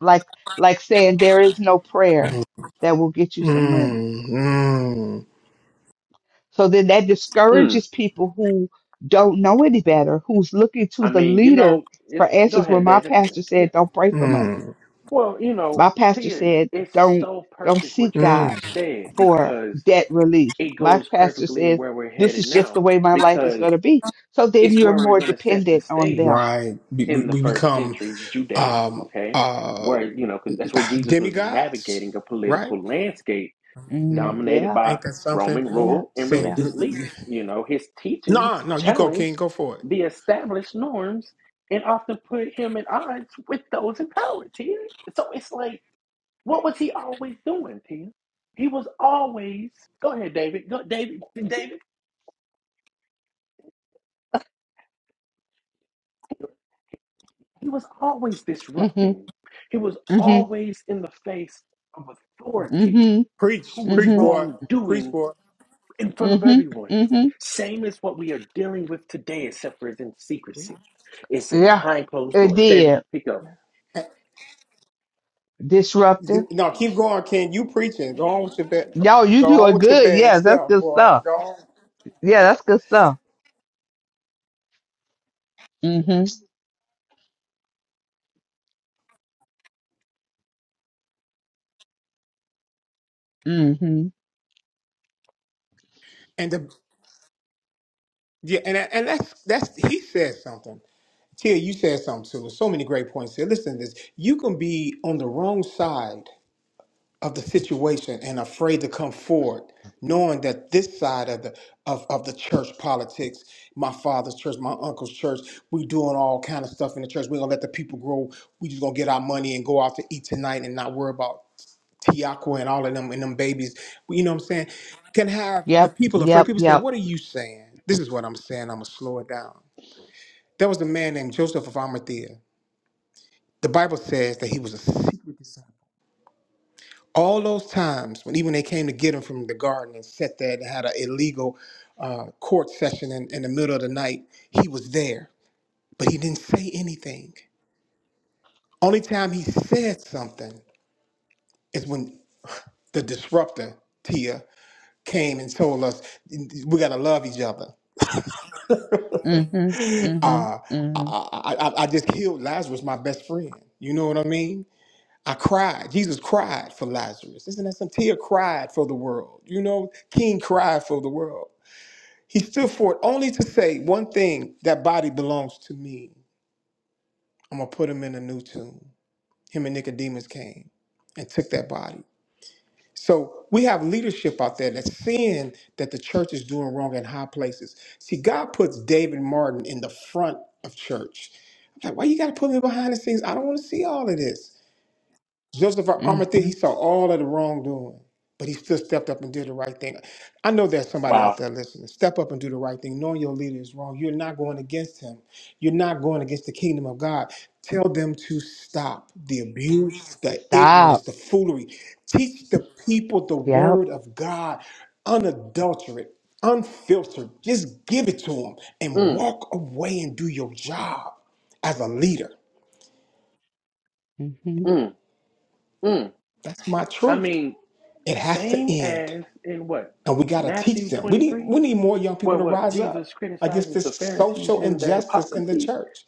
Speaker 3: Like like saying there is no prayer
Speaker 2: Mm.
Speaker 3: that will get you some money
Speaker 2: Mm.
Speaker 3: So then that
Speaker 1: Mm.
Speaker 3: discourages people who don't know any better, who's looking to
Speaker 1: I
Speaker 3: the
Speaker 1: mean, you
Speaker 3: leader
Speaker 1: know,
Speaker 3: for
Speaker 1: it, go
Speaker 3: answers. When
Speaker 1: ahead,
Speaker 3: my
Speaker 1: David.
Speaker 3: pastor
Speaker 1: Yeah.
Speaker 3: said, "Don't pray for money,"
Speaker 2: Mm.
Speaker 1: Well, you know,
Speaker 3: my pastor
Speaker 1: Tia,
Speaker 3: said,
Speaker 1: it's
Speaker 3: "Don't
Speaker 1: so
Speaker 3: don't
Speaker 1: perfect
Speaker 3: seek
Speaker 1: what you
Speaker 3: God
Speaker 2: Mm.
Speaker 1: just said
Speaker 3: for
Speaker 1: because
Speaker 3: debt relief."
Speaker 1: it
Speaker 3: My
Speaker 1: goes
Speaker 3: pastor
Speaker 1: perfectly in
Speaker 3: says,
Speaker 1: where we're
Speaker 3: "This
Speaker 1: headed
Speaker 3: is just
Speaker 1: now
Speaker 3: the way my life is
Speaker 1: because
Speaker 3: going to be." So then
Speaker 1: it's
Speaker 3: you're
Speaker 1: where we're
Speaker 3: more
Speaker 1: going to set the
Speaker 3: dependent on them.
Speaker 1: stage
Speaker 2: Right. We, we
Speaker 1: in the
Speaker 2: we
Speaker 1: first
Speaker 2: become
Speaker 1: century Judea,
Speaker 2: um
Speaker 1: okay?
Speaker 2: uh
Speaker 1: Where, you know, because that's where
Speaker 2: (sighs)
Speaker 1: Jesus was
Speaker 2: demigods.
Speaker 1: navigating a
Speaker 2: Right.
Speaker 1: political landscape
Speaker 3: Mm,
Speaker 2: Mm.
Speaker 1: dominated
Speaker 3: yeah,
Speaker 1: by
Speaker 2: Ain't that something?
Speaker 1: Roman
Speaker 3: yeah,
Speaker 1: rule and
Speaker 2: Saying,
Speaker 3: yeah.
Speaker 1: religious leaders. You know, his teachings
Speaker 2: no, no, you go,
Speaker 1: challenged
Speaker 2: King, go for it.
Speaker 1: the established norms and often put him at odds with those in power, Tia. So it's like, what was he always doing, Tia? He was always, go ahead, David. Go, David, David. He was always
Speaker 3: Mhm,
Speaker 1: disrupting. He was
Speaker 3: mhm,
Speaker 1: always in the face of authority
Speaker 3: mhm,
Speaker 1: who
Speaker 2: Preach,
Speaker 1: was
Speaker 2: preach,
Speaker 3: mhm,
Speaker 2: boy, preach,
Speaker 1: wrongdoing
Speaker 2: boy.
Speaker 1: in front of
Speaker 3: mhm,
Speaker 1: everyone.
Speaker 3: mhm.
Speaker 1: Same as what we are dealing with today, except for it's in
Speaker 2: Eh,
Speaker 1: secrecy. It's in
Speaker 3: Yeah,
Speaker 1: behind closed
Speaker 3: it
Speaker 1: doors. David,
Speaker 3: did.
Speaker 1: pick up.
Speaker 3: Disruptive
Speaker 2: No, keep going, King. You preaching. Go on with your bad.
Speaker 3: Yo, you
Speaker 2: Go on
Speaker 3: doing
Speaker 2: with your
Speaker 3: good.
Speaker 2: bad
Speaker 3: Yes, that's
Speaker 2: self,
Speaker 3: good
Speaker 2: boy.
Speaker 3: stuff.
Speaker 2: Go on.
Speaker 3: Yeah, that's good stuff. Mm-hmm. Mm-hmm.
Speaker 2: And the yeah, and and that's that's he said something. Tia, you said something too. So many great points here. Listen to this. You can be on the wrong side of the situation and afraid to come forward, knowing that this side of the of, of the church politics, my father's church, my uncle's church, we doing all kind of stuff in the church. We're gonna let the people grow. We just gonna get our money and go out to eat tonight and not worry about Tiako and all of them and them babies. You know what I'm saying? Can have the
Speaker 3: Yep.
Speaker 2: people afraid.
Speaker 3: Yep.
Speaker 2: People say,
Speaker 3: Yep.
Speaker 2: What are you saying? This is what I'm saying. I'm gonna slow it down. There was a man named Joseph of Arimathea. The Bible says that he was a secret disciple all those times when even they came to get him from the garden and sat there and had an illegal uh, court session in, in the middle of the night, he was there, but he didn't say anything. Only time he said something is when the disruptor Tia came and told us we gotta love each other. (laughs)
Speaker 3: Mm-hmm.
Speaker 2: Uh,
Speaker 3: Mm-hmm.
Speaker 2: I,
Speaker 3: Mm-hmm.
Speaker 2: I, I I just killed Lazarus, my best friend. You know what I mean? I cried. Jesus cried for Lazarus. Isn't that some Tia cried for the world? You know, King cried for the world. He stood for it only to say one thing that body belongs to me. I'm going to put him in a new tomb. Him and Nicodemus came and took that body. So we have leadership out there that's seeing that the church is doing wrong in high places. See, God puts David Martin in the front of church. I'm like, why you got to put me behind the scenes? I don't want to see all of this. Joseph of Arimathea,
Speaker 3: Mm-hmm.
Speaker 2: he saw all of the wrongdoing, but he still stepped up and did the right thing. I know there's somebody out
Speaker 1: Wow.
Speaker 2: there listening. Step up and do the right thing. Knowing your leader is wrong, you're not going against him. You're not going against the kingdom of God. Tell them to stop the abuse, the ignorance,
Speaker 3: Stop.
Speaker 2: the foolery. Teach the people the
Speaker 3: Yep.
Speaker 2: word of God, unadulterate, unfiltered. Just give it to them and
Speaker 1: Mm,
Speaker 2: walk away and do your job as a leader.
Speaker 3: Mm-hmm.
Speaker 1: mm, mm.
Speaker 2: That's my
Speaker 1: I
Speaker 2: truth.
Speaker 1: mean,
Speaker 2: It has to
Speaker 1: same
Speaker 2: end.
Speaker 1: as in what?
Speaker 2: And we got to teach
Speaker 1: Matthew
Speaker 2: them. We need
Speaker 1: 23,
Speaker 2: we need more young people
Speaker 1: where
Speaker 2: to
Speaker 1: what?
Speaker 2: rise up
Speaker 1: Jesus
Speaker 2: against
Speaker 1: criticizes the
Speaker 2: this
Speaker 1: Pharisees
Speaker 2: social
Speaker 1: and their
Speaker 2: injustice in the
Speaker 1: hypocrisy,
Speaker 2: church.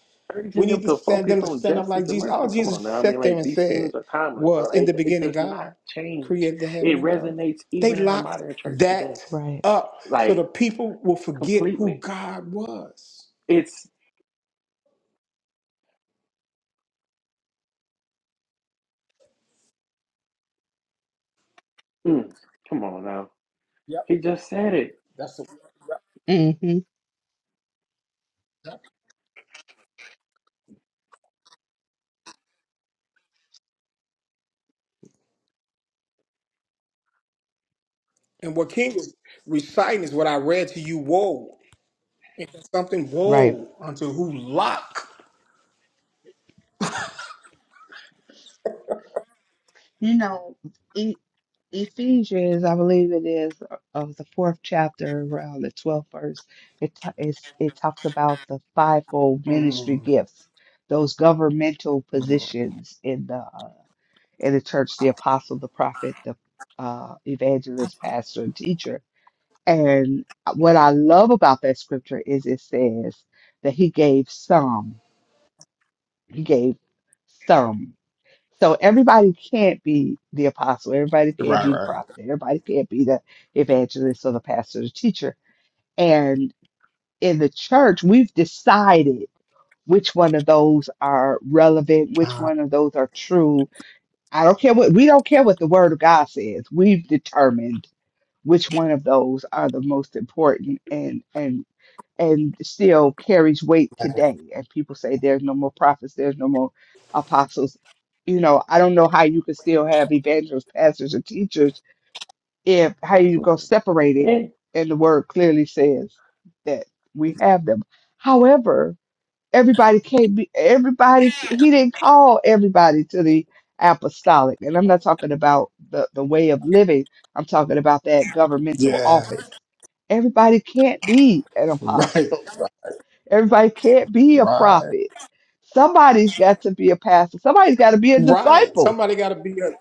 Speaker 2: We
Speaker 1: urging them
Speaker 2: need to
Speaker 1: to
Speaker 2: stand them
Speaker 1: focus
Speaker 2: to
Speaker 1: on
Speaker 2: stand up
Speaker 1: justice
Speaker 2: like
Speaker 1: and
Speaker 2: Jesus. All
Speaker 1: mercy. Come on
Speaker 2: Jesus
Speaker 1: now. I mean,
Speaker 2: sat there
Speaker 1: like,
Speaker 2: and
Speaker 1: these
Speaker 2: said
Speaker 1: things are timeless,
Speaker 2: was,
Speaker 1: bro.
Speaker 2: "In the
Speaker 1: It, it
Speaker 2: beginning,
Speaker 1: does not
Speaker 2: God
Speaker 1: change.
Speaker 2: created the heaven
Speaker 1: It
Speaker 2: and the earth."
Speaker 1: resonates
Speaker 2: They
Speaker 1: even in our
Speaker 2: locked
Speaker 1: modern church
Speaker 2: that
Speaker 1: today,
Speaker 3: Right.
Speaker 2: up so
Speaker 1: like,
Speaker 2: the people will forget who
Speaker 1: completely.
Speaker 2: God was.
Speaker 1: It's. Mm, come on now. He just said it.
Speaker 3: Mm-hmm.
Speaker 2: And what King was reciting is what I read to you. Woe, It's something
Speaker 3: Right.
Speaker 2: woe unto who lock.
Speaker 3: You know, e- Ephesians, I believe it is of the fourth chapter, around the twelfth verse. It t- it's, it talks about the fivefold ministry
Speaker 2: Mm.
Speaker 3: gifts, those governmental positions in the uh, in the church the apostle, the prophet, the uh, evangelist, pastor, and teacher. And what I love about that scripture is it says that he gave some, he gave some. So everybody can't be the apostle, everybody can't
Speaker 2: Right,
Speaker 3: be the
Speaker 2: right.
Speaker 3: prophet, everybody can't be the evangelist or the pastor, the teacher. And in the church, we've decided which one of those are relevant, which
Speaker 2: Ah,
Speaker 3: one of those are true, I don't care what we don't care what the word of God says. We've determined which one of those are the most important and and and still carries weight today. And people say there's no more prophets, there's no more apostles. You know, I don't know how you could still have evangelists, pastors, and teachers if how you go
Speaker 1: Slow.
Speaker 3: separate it
Speaker 1: Eh.
Speaker 3: and the word clearly says that we have them. However, everybody can't be everybody he didn't call everybody to the apostolic and i'm not talking about the, the way of living i'm talking about that governmental
Speaker 2: yeah,
Speaker 3: office everybody can't be an
Speaker 2: (laughs) right.
Speaker 3: apostle (laughs) everybody can't be a
Speaker 2: Right.
Speaker 3: prophet somebody's got to be a pastor somebody's got to be a
Speaker 2: Right.
Speaker 3: disciple
Speaker 2: Somebody got to be a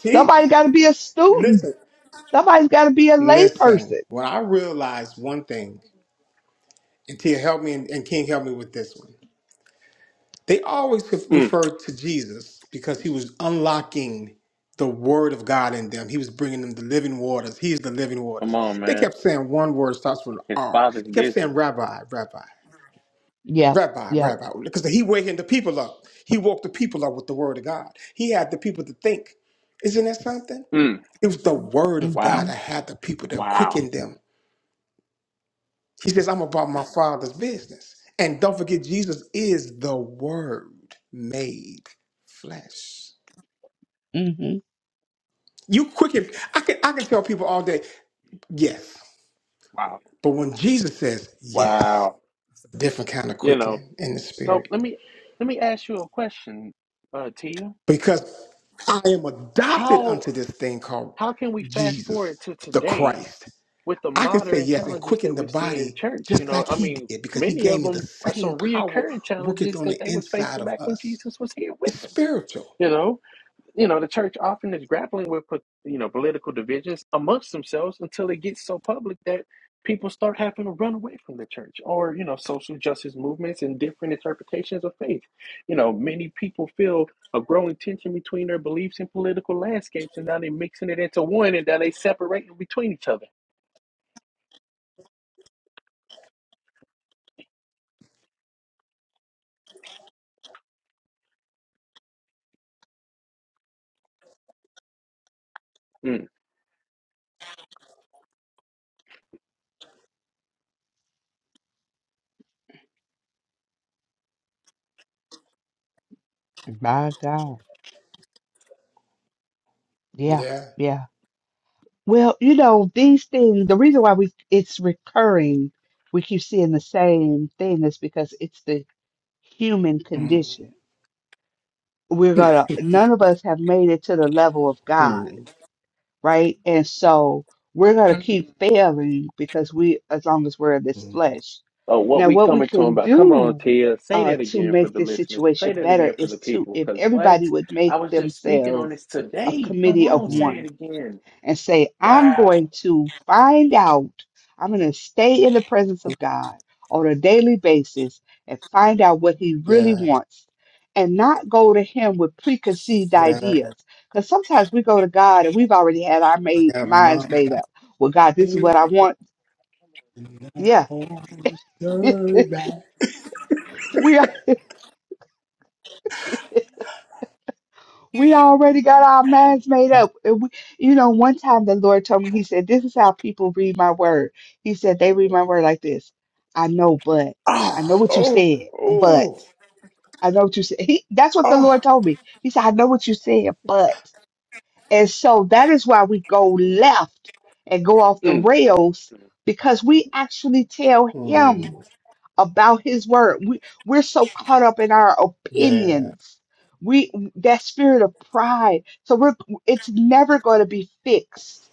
Speaker 2: teacher.
Speaker 3: somebody's got to be a student
Speaker 2: Listen,
Speaker 3: somebody's got to be a lay
Speaker 2: listen.
Speaker 3: person.
Speaker 2: When I realized one thing, and Tia helped me, and, and King helped me with this one. They always
Speaker 1: Mm,
Speaker 2: referred to Jesus because he was unlocking the word of God in them. He was bringing them the living waters. He is the living waters.
Speaker 1: come on,
Speaker 2: They
Speaker 1: man.
Speaker 2: kept saying one word starts with an
Speaker 1: His
Speaker 2: R.
Speaker 1: father's
Speaker 2: They kept saying
Speaker 1: business.
Speaker 2: rabbi, rabbi.
Speaker 3: Yep.
Speaker 2: Rabbi,
Speaker 3: yeah
Speaker 2: Rabbi, because he wakened the people up. He woke the people up with the word of God. He had the people to think. Isn't that something?
Speaker 1: Mm,
Speaker 2: It was the word
Speaker 3: yeah
Speaker 2: of
Speaker 1: wow.
Speaker 2: God
Speaker 3: hmm
Speaker 2: that had the people that
Speaker 1: Wow.
Speaker 2: quickened them. He says, I'm about my father's business. And don't forget, Jesus is the word made flesh.
Speaker 3: hmm
Speaker 2: You quicken, I can I can tell people all day, yes.
Speaker 1: Wow.
Speaker 2: But when Jesus says yes,
Speaker 1: Wow.
Speaker 2: different kind of
Speaker 1: You know.
Speaker 2: quickening in the
Speaker 1: So
Speaker 2: spirit.
Speaker 1: let me let me ask you a question, uh, Tia.
Speaker 2: Because I am adopted
Speaker 1: How
Speaker 2: unto this thing called
Speaker 1: how can we fast
Speaker 2: Jesus,
Speaker 1: forward to
Speaker 2: the
Speaker 1: today
Speaker 2: Christ.
Speaker 1: with the
Speaker 2: I can say
Speaker 1: modern
Speaker 2: yes and
Speaker 1: challenges that
Speaker 2: quicken the
Speaker 1: we see in
Speaker 2: body
Speaker 1: church? You
Speaker 2: just
Speaker 1: know,
Speaker 2: like
Speaker 1: I
Speaker 2: he
Speaker 1: mean,
Speaker 2: did because he
Speaker 1: many
Speaker 2: gave
Speaker 1: of
Speaker 2: me the
Speaker 1: them are
Speaker 2: same
Speaker 1: some
Speaker 2: power
Speaker 1: reoccurring
Speaker 2: worketh
Speaker 1: challenges
Speaker 2: on
Speaker 1: that
Speaker 2: the
Speaker 1: they was
Speaker 2: inside
Speaker 1: facing
Speaker 2: of
Speaker 1: back when
Speaker 2: us.
Speaker 1: Jesus was here with
Speaker 2: It's
Speaker 1: us.
Speaker 2: spiritual.
Speaker 1: You know, you know, the church often is grappling with, you know, political divisions amongst themselves until it gets so public that people start having to run away from the church or, you know, social justice movements and different interpretations of faith. You know, many people feel a growing tension between their beliefs and political landscapes, and now they're mixing it into one and now they separating between each other. Mm.
Speaker 3: my god yeah
Speaker 2: Yeah.
Speaker 3: yeah Well, you know, these things, the reason why we it's recurring, we keep seeing the same thing is because it's the human
Speaker 2: Mm.
Speaker 3: condition. We're gonna, none of us have made it to the level of God,
Speaker 2: Mm.
Speaker 3: right? And so we're gonna keep failing because we, as long as we're in this
Speaker 2: Mm.
Speaker 3: flesh.
Speaker 1: Oh, what
Speaker 3: Now,
Speaker 1: we
Speaker 3: what we
Speaker 1: coming to him
Speaker 3: can
Speaker 1: about? Come on,
Speaker 3: do
Speaker 1: Tia. Say
Speaker 3: uh,
Speaker 1: that
Speaker 3: to
Speaker 1: again for
Speaker 3: make
Speaker 1: the
Speaker 3: this
Speaker 1: listeners.
Speaker 3: situation
Speaker 1: Say that
Speaker 3: better
Speaker 1: again for
Speaker 3: is
Speaker 1: the
Speaker 3: to,
Speaker 1: people.
Speaker 3: if
Speaker 1: Cause what?
Speaker 3: everybody would
Speaker 1: I
Speaker 3: make
Speaker 1: was just speaking on
Speaker 3: themselves
Speaker 1: this
Speaker 3: a
Speaker 1: today. Come
Speaker 3: committee of
Speaker 1: on, say it
Speaker 2: Mm.
Speaker 3: one
Speaker 2: (laughs)
Speaker 1: again.
Speaker 3: and say, I'm
Speaker 1: Wow.
Speaker 3: going to find out, I'm going to stay in the presence of God on a daily basis and find out what He really
Speaker 2: Yeah.
Speaker 3: wants and not go to Him with preconceived
Speaker 2: Yeah.
Speaker 3: ideas. Because sometimes we go to God and we've already had our made,
Speaker 2: Yeah. My
Speaker 3: minds made up. Well, God, this is
Speaker 2: body
Speaker 3: what I want.
Speaker 2: not
Speaker 3: Yeah.
Speaker 2: on
Speaker 3: (laughs)
Speaker 2: the back.
Speaker 3: we We already got our minds made up. And we, you know, one time the Lord told me, He said, This is how people read my word. He said, They read my word like this I know, but I know
Speaker 2: Oh,
Speaker 3: what you
Speaker 2: oh,
Speaker 3: said, but
Speaker 2: oh,
Speaker 3: I know what you said. He, that's what the
Speaker 2: oh.
Speaker 3: Lord told me. He said, I know what you said, but. And so that is why we go left and go off the
Speaker 1: Mm, mm,
Speaker 3: rails
Speaker 1: mm.
Speaker 3: because we actually tell Him
Speaker 2: Mm.
Speaker 3: about his word. We, we're so caught up in our
Speaker 2: Yeah.
Speaker 3: opinions. We that spirit of pride. So we're it's never going to be fixed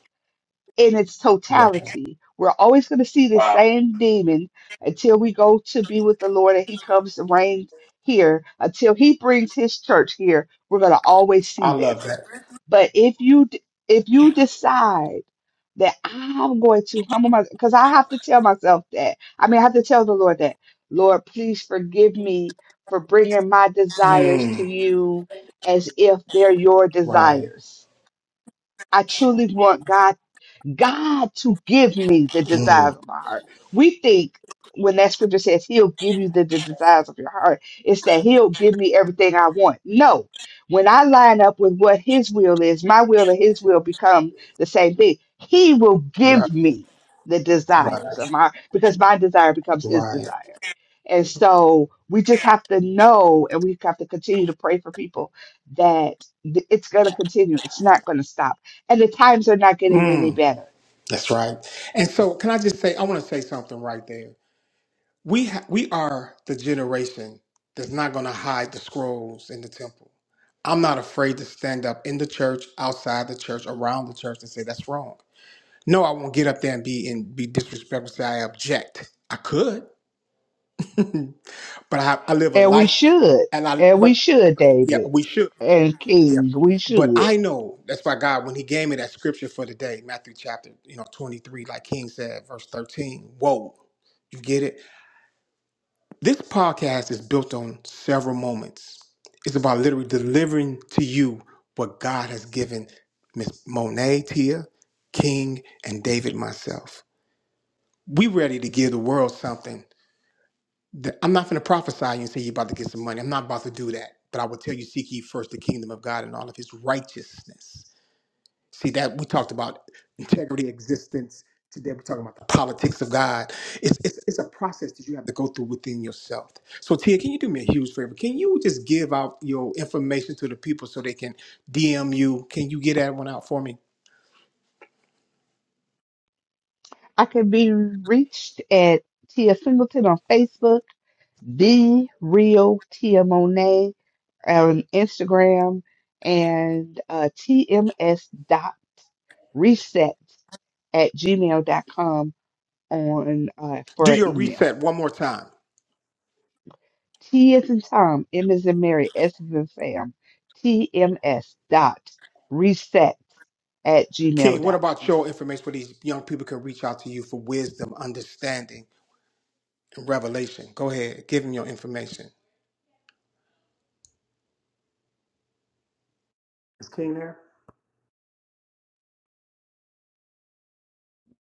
Speaker 3: in its
Speaker 2: Right.
Speaker 3: totality. We're always going to see the
Speaker 1: Wow.
Speaker 3: same demon until we go to be with the Lord and he comes to reign here. Until he brings his church here, we're going to always
Speaker 2: I
Speaker 3: see
Speaker 2: love
Speaker 3: this.
Speaker 2: that.
Speaker 3: But if you d- if you decide that I'm going to humble myself, because I have to tell myself that. I mean, I have to tell the Lord that, Lord, please forgive me for bringing my desires to
Speaker 2: Mm.
Speaker 3: you as if they're your
Speaker 2: Right.
Speaker 3: desires. I truly want God God to give me the
Speaker 2: Mm.
Speaker 3: desires of my heart. We think when that scripture says he'll give you the, the desires of your heart, it's that he'll give me everything I want. No. When I line up with what his will is, my will and his will become the same thing. He will
Speaker 2: Right.
Speaker 3: give me the
Speaker 2: Right.
Speaker 3: desires of my heart because my desire becomes his
Speaker 2: Right.
Speaker 3: desire. And so we just have to know and we have to continue to pray for people that th- it's going to continue. It's not going to stop and the times are not getting
Speaker 2: Mm.
Speaker 3: any better.
Speaker 2: That's right. And so, can I just say, I want to say something right there. We ha- we are the generation that's not going to hide the scrolls in the temple. I'm not afraid to stand up in the church, outside the church, around the church, and say that's wrong. No, I won't get up there and be and be disrespectful. And Say I object. I could, (laughs) but I, I live a
Speaker 3: And we
Speaker 2: life,
Speaker 3: should.
Speaker 2: and I.
Speaker 3: And
Speaker 2: But
Speaker 3: we should,
Speaker 2: yeah,
Speaker 3: David
Speaker 2: we should.
Speaker 3: and
Speaker 2: Yeah.
Speaker 3: King. We
Speaker 2: But
Speaker 3: should.
Speaker 2: I know that's why God, when He gave me that scripture for today, Matthew chapter, you know, 23, like King said, verse 13. Whoa, you get it? This podcast is built on several moments. It's about literally delivering to you what God has given Miss Monet, Tia, King, and David myself. We ready to give the world something. that- I'm not going to prophesy you and say you're about to get some money. I'm not about to do that. But I will tell you, seek ye first the kingdom of God and all of his righteousness See that we talked about integrity, existence. Today we're talking about the politics of God. It's, it's it's a process that you have to go through within yourself. So Tia, can you do me a huge favor? Can you just give out your information to the people so they can DM you? Can you get that one out for me?
Speaker 3: I can be reached at Tia Singleton on Facebook, The Real Tia Monet on Instagram, and uh, tms.reset at gmail dot com. on uh,
Speaker 2: Do
Speaker 3: for an
Speaker 2: your
Speaker 3: email.
Speaker 2: reset one more time.
Speaker 3: T is in Tom, M is in Mary, S is in Sam, TMS dot reset at gmail
Speaker 2: King, what
Speaker 3: dot
Speaker 2: about
Speaker 3: com.
Speaker 2: your information where these young people can reach out to you for wisdom, understanding, and revelation? Go ahead, give them your information. Is King there?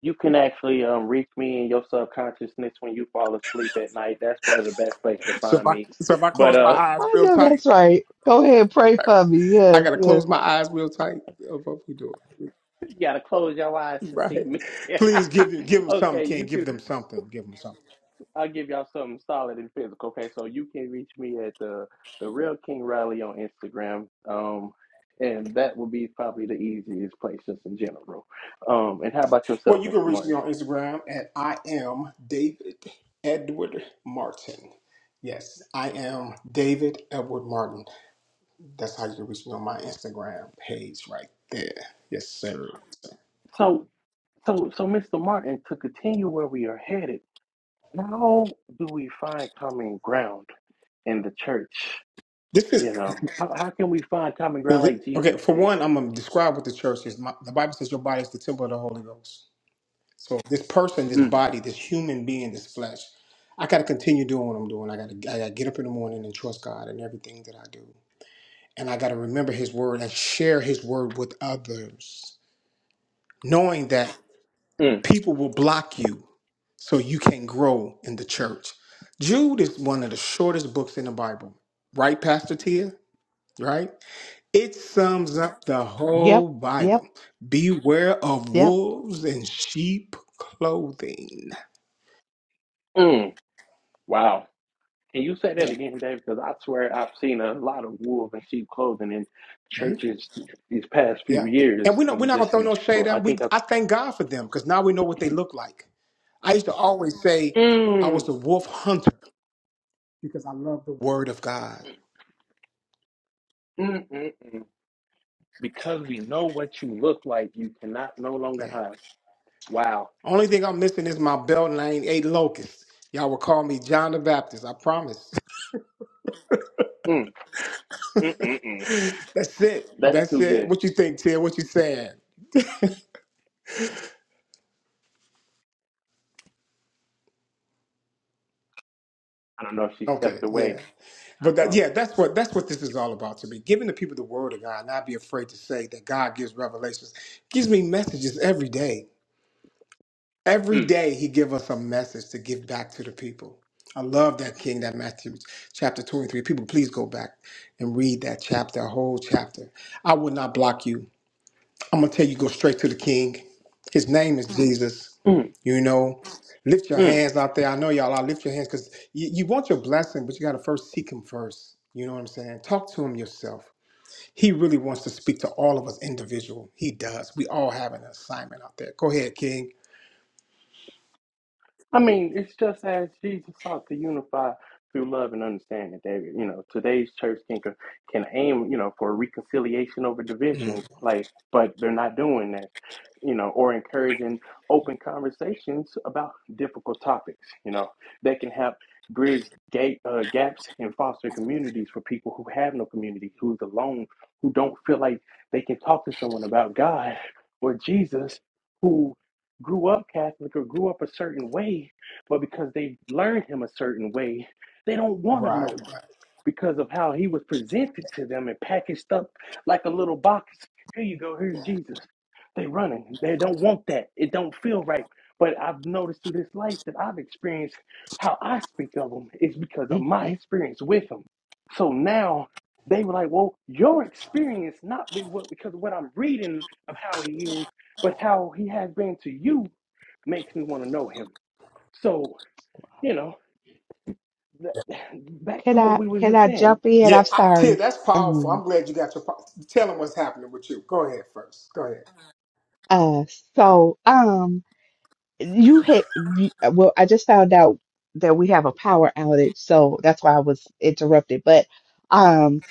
Speaker 1: You can actually um, reach me in your subconsciousness when you fall asleep at night. That's probably the best place to
Speaker 2: So if
Speaker 1: find
Speaker 2: I
Speaker 1: me.
Speaker 2: so if I
Speaker 1: But
Speaker 2: close my
Speaker 1: uh,
Speaker 2: eyes
Speaker 3: I
Speaker 2: real
Speaker 3: know
Speaker 2: tight.
Speaker 3: that's right. Go ahead, pray for me.
Speaker 2: I
Speaker 3: Yes,
Speaker 2: gotta
Speaker 3: yes.
Speaker 2: close my eyes real tight. Oh, What we doing? (laughs)
Speaker 1: (laughs) you gotta close your eyes to see
Speaker 2: Right.
Speaker 1: me.
Speaker 2: Please give them give
Speaker 1: (laughs)
Speaker 2: them something,
Speaker 1: okay, you
Speaker 2: King. Give
Speaker 1: can.
Speaker 2: them something. Give them something.
Speaker 1: I'll give y'all something solid and physical. Okay, so you can reach me at the the Real King Riley on Instagram. Um, and that will be probably the easiest place just in general. Um, and how about yourself,
Speaker 2: Well, you
Speaker 1: Mr.
Speaker 2: can reach me
Speaker 1: Martin?
Speaker 2: on Instagram at I am David Edward Martin. Yes, I am David Edward Martin. That's how you can reach me on my Instagram page right there. Yes, sir.
Speaker 1: So so so Mr. Martin, to continue where we are headed, how do we find common ground in the church?
Speaker 2: This
Speaker 1: You
Speaker 2: is
Speaker 1: know, how, how can we find common ground like
Speaker 2: okay.
Speaker 1: Jesus
Speaker 2: For
Speaker 1: did?
Speaker 2: one, I'm gonna describe what the church is. My, the Bible says your body is the temple of the Holy Ghost. So this person, this
Speaker 1: Mm,
Speaker 2: body, this human being, this flesh, I got to continue doing what I'm doing. I got to I got to get up in the morning and trust God in everything that I do, and I got to remember His word and share His word with others, knowing that
Speaker 1: mm,
Speaker 2: people will block you, so you can grow in the church. Jude is one of the shortest books in the Bible, right, Pastor Tia? Right? It sums up the whole
Speaker 3: Yep, yep,
Speaker 2: Bible. Beware of
Speaker 3: yep.
Speaker 2: wolves in sheep clothing.
Speaker 1: mm. Wow. Can you say that
Speaker 2: Yeah.
Speaker 1: again, Dave? Because I swear I've seen a lot of wolves in sheep clothing in churches these past few
Speaker 2: Yeah. And
Speaker 1: years,
Speaker 2: we don't, we're
Speaker 1: and
Speaker 2: not going to
Speaker 1: just
Speaker 2: throw
Speaker 1: in
Speaker 2: no shade
Speaker 1: general.
Speaker 2: at
Speaker 1: I
Speaker 2: them. We,
Speaker 1: think I,
Speaker 2: I thank God for them because now we know what they
Speaker 1: mm,
Speaker 2: look like. I used to always say I
Speaker 1: mm,
Speaker 2: was a wolf hunter because I love the word of God.
Speaker 1: mm, mm. because we know what you look like, you cannot no longer
Speaker 2: Yeah.
Speaker 1: hide. Wow,
Speaker 2: Only thing I'm missing is my belt and I ain't ate locusts. Y'all will call me John the Baptist. I promise.
Speaker 1: mm, mm, mm, mm.
Speaker 2: (laughs) that's it.
Speaker 1: that's
Speaker 2: That's
Speaker 1: too
Speaker 2: it.
Speaker 1: good.
Speaker 2: What you think, Tia? What you saying?
Speaker 1: I don't know if she
Speaker 2: Okay.
Speaker 1: stepped
Speaker 2: Yeah.
Speaker 1: away.
Speaker 2: But that,
Speaker 1: Um,
Speaker 2: yeah, that's what that's what this is all about to me. Giving the people the word of God, not be afraid to say that God gives revelations, gives me messages every day. Every
Speaker 1: mm,
Speaker 2: day he give us a message to give back to the people. I love that King, that Matthew chapter 23. People, please go back and read that chapter, a whole chapter. I would not block you. I'm gonna tell you, go straight to the King. His name is Jesus.
Speaker 1: mm,
Speaker 2: You know, lift your
Speaker 1: mm.
Speaker 2: hands out there. I know y'all are lift your hands because you, you want your blessing, but you gotta first seek him first. You know what I'm saying? Talk to him yourself. He really wants to speak to all of us individual. He does. We all have an assignment out there. Go ahead, King.
Speaker 1: I mean, it's just as Jesus sought to unify through love and understanding, David. You know, today's church can can aim, you know, for reconciliation over
Speaker 2: Mm.
Speaker 1: division, like, but they're not doing that, you know, or encouraging open conversations about difficult topics. You know, that can help bridge gate, uh, gaps and foster communities for people who have no community, who's alone, who don't feel like they can talk to someone about God or Jesus grew up Catholic or grew up a certain way, but because they've learned him a certain way, they don't want to know him
Speaker 2: Right.
Speaker 1: because of how he was presented to them and packaged up like a little box. Here you go, here's Jesus. They running. They don't want that. It don't feel right. But I've noticed through this life that I've experienced how I speak of him is because of my
Speaker 3: hmm
Speaker 1: experience with him. So now they were like, well, your experience not be what because of what I'm reading of how he is, but how he has been to you makes me want to know him. So, you know, that, (sighs) back
Speaker 3: Can
Speaker 1: to what
Speaker 3: I
Speaker 1: we were
Speaker 3: can
Speaker 1: just
Speaker 3: I
Speaker 1: saying.
Speaker 3: jump in?
Speaker 2: Yeah,
Speaker 3: I'm
Speaker 2: I, Tia,
Speaker 3: sorry.
Speaker 2: that's powerful.
Speaker 3: Um.
Speaker 2: I'm glad you got your. po- Tell them what's happening with you. Go ahead first. Go ahead.
Speaker 3: Uh, so um, you had you- uh, well, I just found out that we have a power outage, so that's why I was interrupted. But um,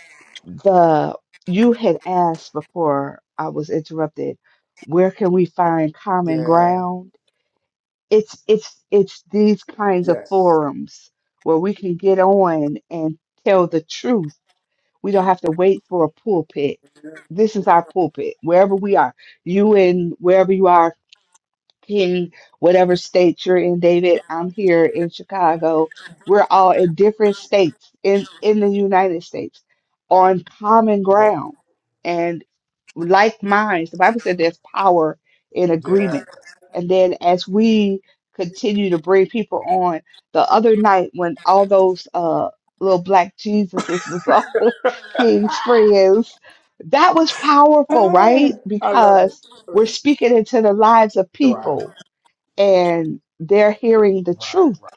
Speaker 3: the you had asked before I was interrupted, where can we find common
Speaker 2: Yeah.
Speaker 3: ground? It's it's it's these kinds of
Speaker 2: Yes.
Speaker 3: forums where we can get on and tell the truth. We don't have to wait for a pulpit. This is our pulpit, wherever we are. You and wherever you are in whatever state you're in, David. I'm here in Chicago. We're all in different states in, in the United States on common
Speaker 2: Right.
Speaker 3: ground and like minds. The Bible said there's power in
Speaker 2: Yeah.
Speaker 3: agreement. And then as we continue to bring people on, the other night when all those uh little black Jesuses was all (laughs) King's friends, that was powerful,
Speaker 2: Ah,
Speaker 3: right?
Speaker 2: I love it.
Speaker 3: Because we're speaking into the lives of
Speaker 2: Right.
Speaker 3: people and they're hearing the
Speaker 2: Right.
Speaker 3: truth
Speaker 2: Right.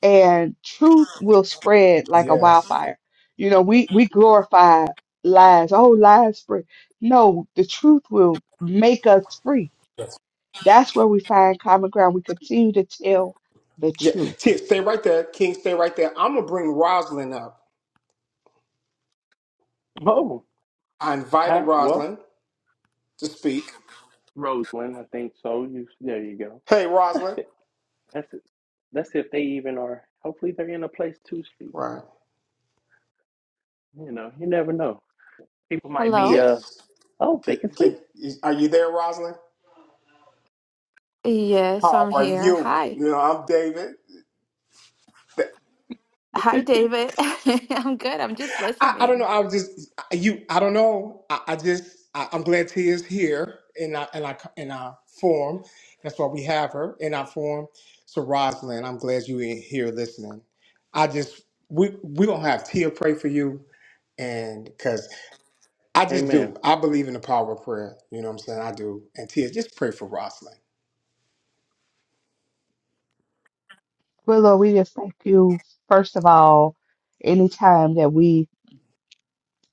Speaker 3: and truth will spread like a
Speaker 2: Yes.
Speaker 3: wildfire. You know, we, we glorify lies. Oh, lies spread. No, the truth will make us free.
Speaker 2: yes.
Speaker 3: That's where we find common ground. We continue to tell the
Speaker 2: Yeah.
Speaker 3: truth.
Speaker 2: Tia, stay right there. King, stay right there. I'm gonna bring Rosalind up.
Speaker 1: Boom.
Speaker 2: I invited
Speaker 1: How well,
Speaker 2: Rosalind to speak.
Speaker 1: Roseland, I think so. You there you go.
Speaker 2: Hey, Rosalind.
Speaker 1: That's that's if they even are hopefully they're in a place to speak.
Speaker 2: Right.
Speaker 1: You know, you never know. People might be
Speaker 4: Hello.
Speaker 1: uh
Speaker 2: Yes.
Speaker 1: oh, they
Speaker 2: Can,
Speaker 1: can speak.
Speaker 2: can, is- are you there, Rosalind?
Speaker 4: Yes,
Speaker 2: How
Speaker 4: I'm
Speaker 2: are
Speaker 4: here.
Speaker 2: you?
Speaker 4: Hi.
Speaker 2: You know, I'm David.
Speaker 4: Hi, David. (laughs) I'm good. I'm just
Speaker 2: I, I don't know.
Speaker 4: listening.
Speaker 2: I was just you. I don't know. I, I just I, I'm glad Tia is here in our in our in our form. That's why we have her in our form. So Rosalind, I'm glad you in here listening. I just we we gonna have Tia pray for you, and because I just
Speaker 1: Amen.
Speaker 2: do. I believe in the power of prayer. You know what I'm saying? I do. And Tia, just pray for Rosalind.
Speaker 3: Well, Lord, we just thank you, first of all, anytime that we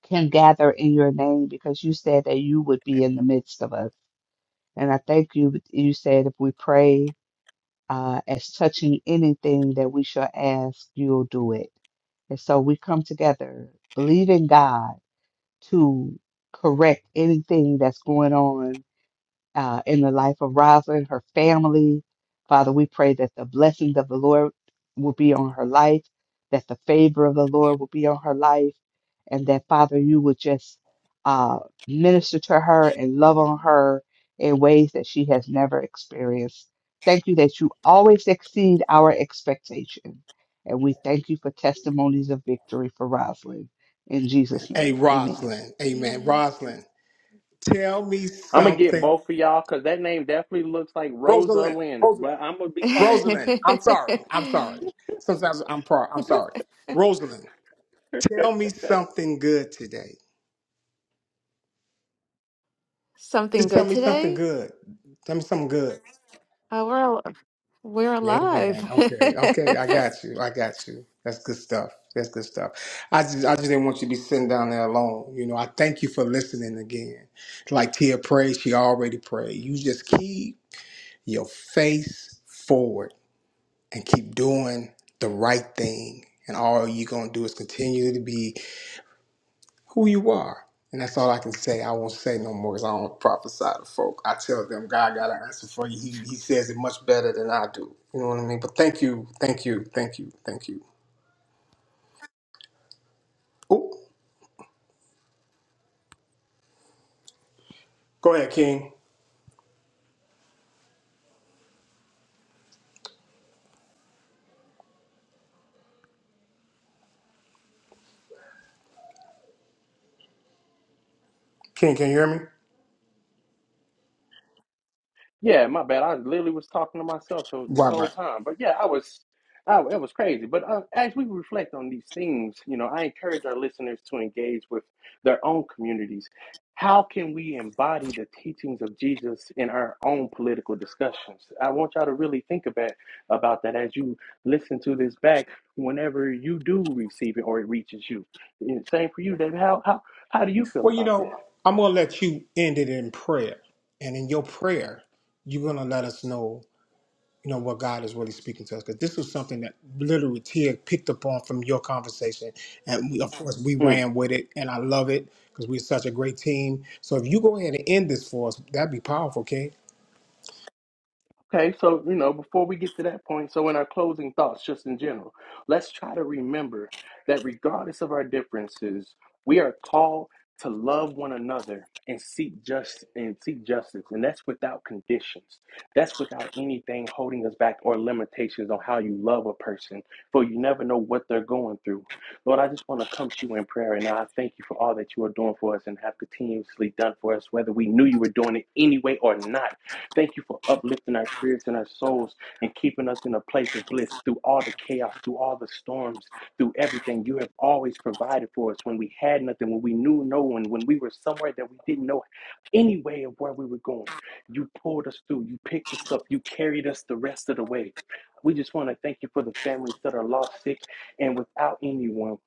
Speaker 3: can gather in your name because you said that you would be in the midst of us. And I thank you. You said if we pray uh, as touching anything that we shall ask, you'll do it. And so we come together, believe in God to correct anything that's going on uh, in the life of Rosalind, her family. Father, we pray that the blessings of the Lord will be on her life, that the favor of the Lord will be on her life, and that, Father, you would just uh, minister to her and love on her in ways that she has never experienced. Thank you that you always exceed our expectation. And we thank you for testimonies of victory for Rosalind. In Jesus'
Speaker 2: Hey
Speaker 3: name, amen.
Speaker 2: Rosalind, Amen.
Speaker 4: Amen.
Speaker 2: Rosalind, tell me
Speaker 1: I'm gonna get
Speaker 2: something.
Speaker 1: both of y'all because that name definitely looks like Rosa
Speaker 2: Rosalind,
Speaker 1: Lynn, but I'm gonna be quiet.
Speaker 2: Rosalind, I'm sorry. I'm sorry.
Speaker 4: (laughs)
Speaker 2: Sometimes I'm pro- I'm sorry. Rosalind, tell me something good today.
Speaker 4: Something
Speaker 2: Just tell
Speaker 4: good
Speaker 2: me something
Speaker 4: today?
Speaker 2: good. Tell me something good.
Speaker 4: Uh, we're al- we're alive.
Speaker 2: Amen. Okay. Okay. I
Speaker 4: (laughs)
Speaker 2: got you. I got you. That's good stuff. That's good stuff. I just I just didn't want you to be sitting down there alone. You know, I thank you for listening again. Like Tia prayed, she already prayed. You just keep your face forward and keep doing the right thing. And all you're gonna do is continue to be who you are. And that's all I can say. I won't say no more because I don't prophesy to folk. I tell them God got an answer for you. He, he says it much better than I do. You know what I mean? But thank you, thank you, thank you, thank you. Oh, go ahead, King. King, can you hear me?
Speaker 1: Yeah, my bad. I literally was talking to myself th- this
Speaker 2: Right,
Speaker 1: whole
Speaker 2: right.
Speaker 1: time. But yeah, I was, I, it was crazy. But uh, as we reflect on these things, you know, I encourage our listeners to engage with their own communities. How can we embody the teachings of Jesus in our own political discussions? I want y'all to really think about about that as you listen to this back. Whenever you do receive it or it reaches you, And same for you, David. How how how do you feel
Speaker 2: Well, you
Speaker 1: about that?
Speaker 2: know, I'm gonna let you end it in prayer, and in your prayer, you're gonna let us know. you know what God is really speaking to us because this was something that literally Tia picked up on from your conversation, and we, of course we
Speaker 1: Hmm.
Speaker 2: ran with it, and I love it because we're such a great team. So if you go ahead and end this for us, that'd be powerful, King.
Speaker 1: Okay, so you know, before we get to that point, so in our closing thoughts, just in general, let's try to remember that regardless of our differences, we are called to love one another and seek just and seek justice, and that's without conditions. That's without anything holding us back or limitations on how you love a person, for you never know what they're going through. Lord, I just want to come to you in prayer, and I thank you for all that you are doing for us and have continuously done for us, whether we knew you were doing it anyway or not. Thank you for uplifting our spirits and our souls and keeping us in a place of bliss through all the chaos, through all the storms, through everything. You have always provided for us when we had nothing, when we knew no one, when we were somewhere that we didn't know any way of where we were going. You pulled us through, you picked us up, you carried us the rest of the way. We just want to thank you for the families that are lost, sick, and without anyone.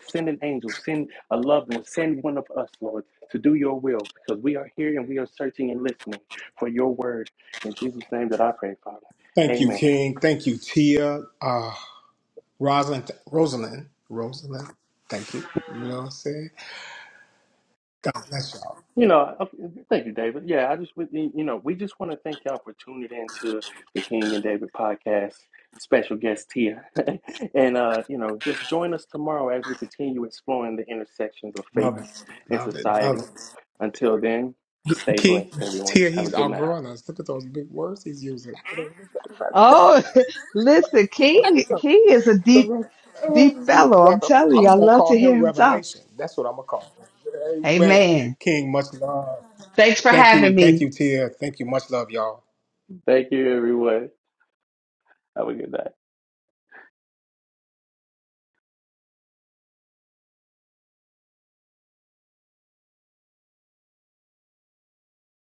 Speaker 1: Send an angel, send a loved one, send one of us, Lord, to do your will because we are here and we are searching and listening for your word. In Jesus' name that I pray, Father.
Speaker 2: Thank you,
Speaker 1: Amen.
Speaker 2: King. Thank you, Tia. Uh, Rosalind, Rosalind, Rosalind. Thank you. You know what I'm saying? God bless y'all.
Speaker 1: You know, I- thank you, David. Yeah, I just, would- you know, we just want to thank y'all for tuning in to the King and David podcast. Special guest Tia. (laughs) and, uh, you know, just join us tomorrow as we continue exploring the intersections of faith
Speaker 2: Love it.
Speaker 1: and
Speaker 2: Love it. Love
Speaker 1: society.
Speaker 2: it.
Speaker 1: Until then, stay
Speaker 2: King,
Speaker 1: blessed, everyone.
Speaker 2: Tia,
Speaker 1: Have a
Speaker 2: he's
Speaker 1: good night.
Speaker 2: outgrowing us. Look at those big words he's using.
Speaker 3: Oh, (laughs) Listen, King King is a deep Deep fellow, I'm
Speaker 2: Revel-
Speaker 3: telling
Speaker 2: I'm
Speaker 3: you, I
Speaker 2: just gonna
Speaker 3: love
Speaker 2: call
Speaker 3: to
Speaker 2: him
Speaker 3: hear him talk.
Speaker 2: Revelation. That's what I'm gonna call him. Amen.
Speaker 3: Amen.
Speaker 2: King, much love.
Speaker 3: Thanks for
Speaker 2: Thank
Speaker 3: having
Speaker 2: you, thank
Speaker 3: me.
Speaker 2: you, Tia. Thank you, much love, y'all.
Speaker 1: Thank you, everyone. Have a good night.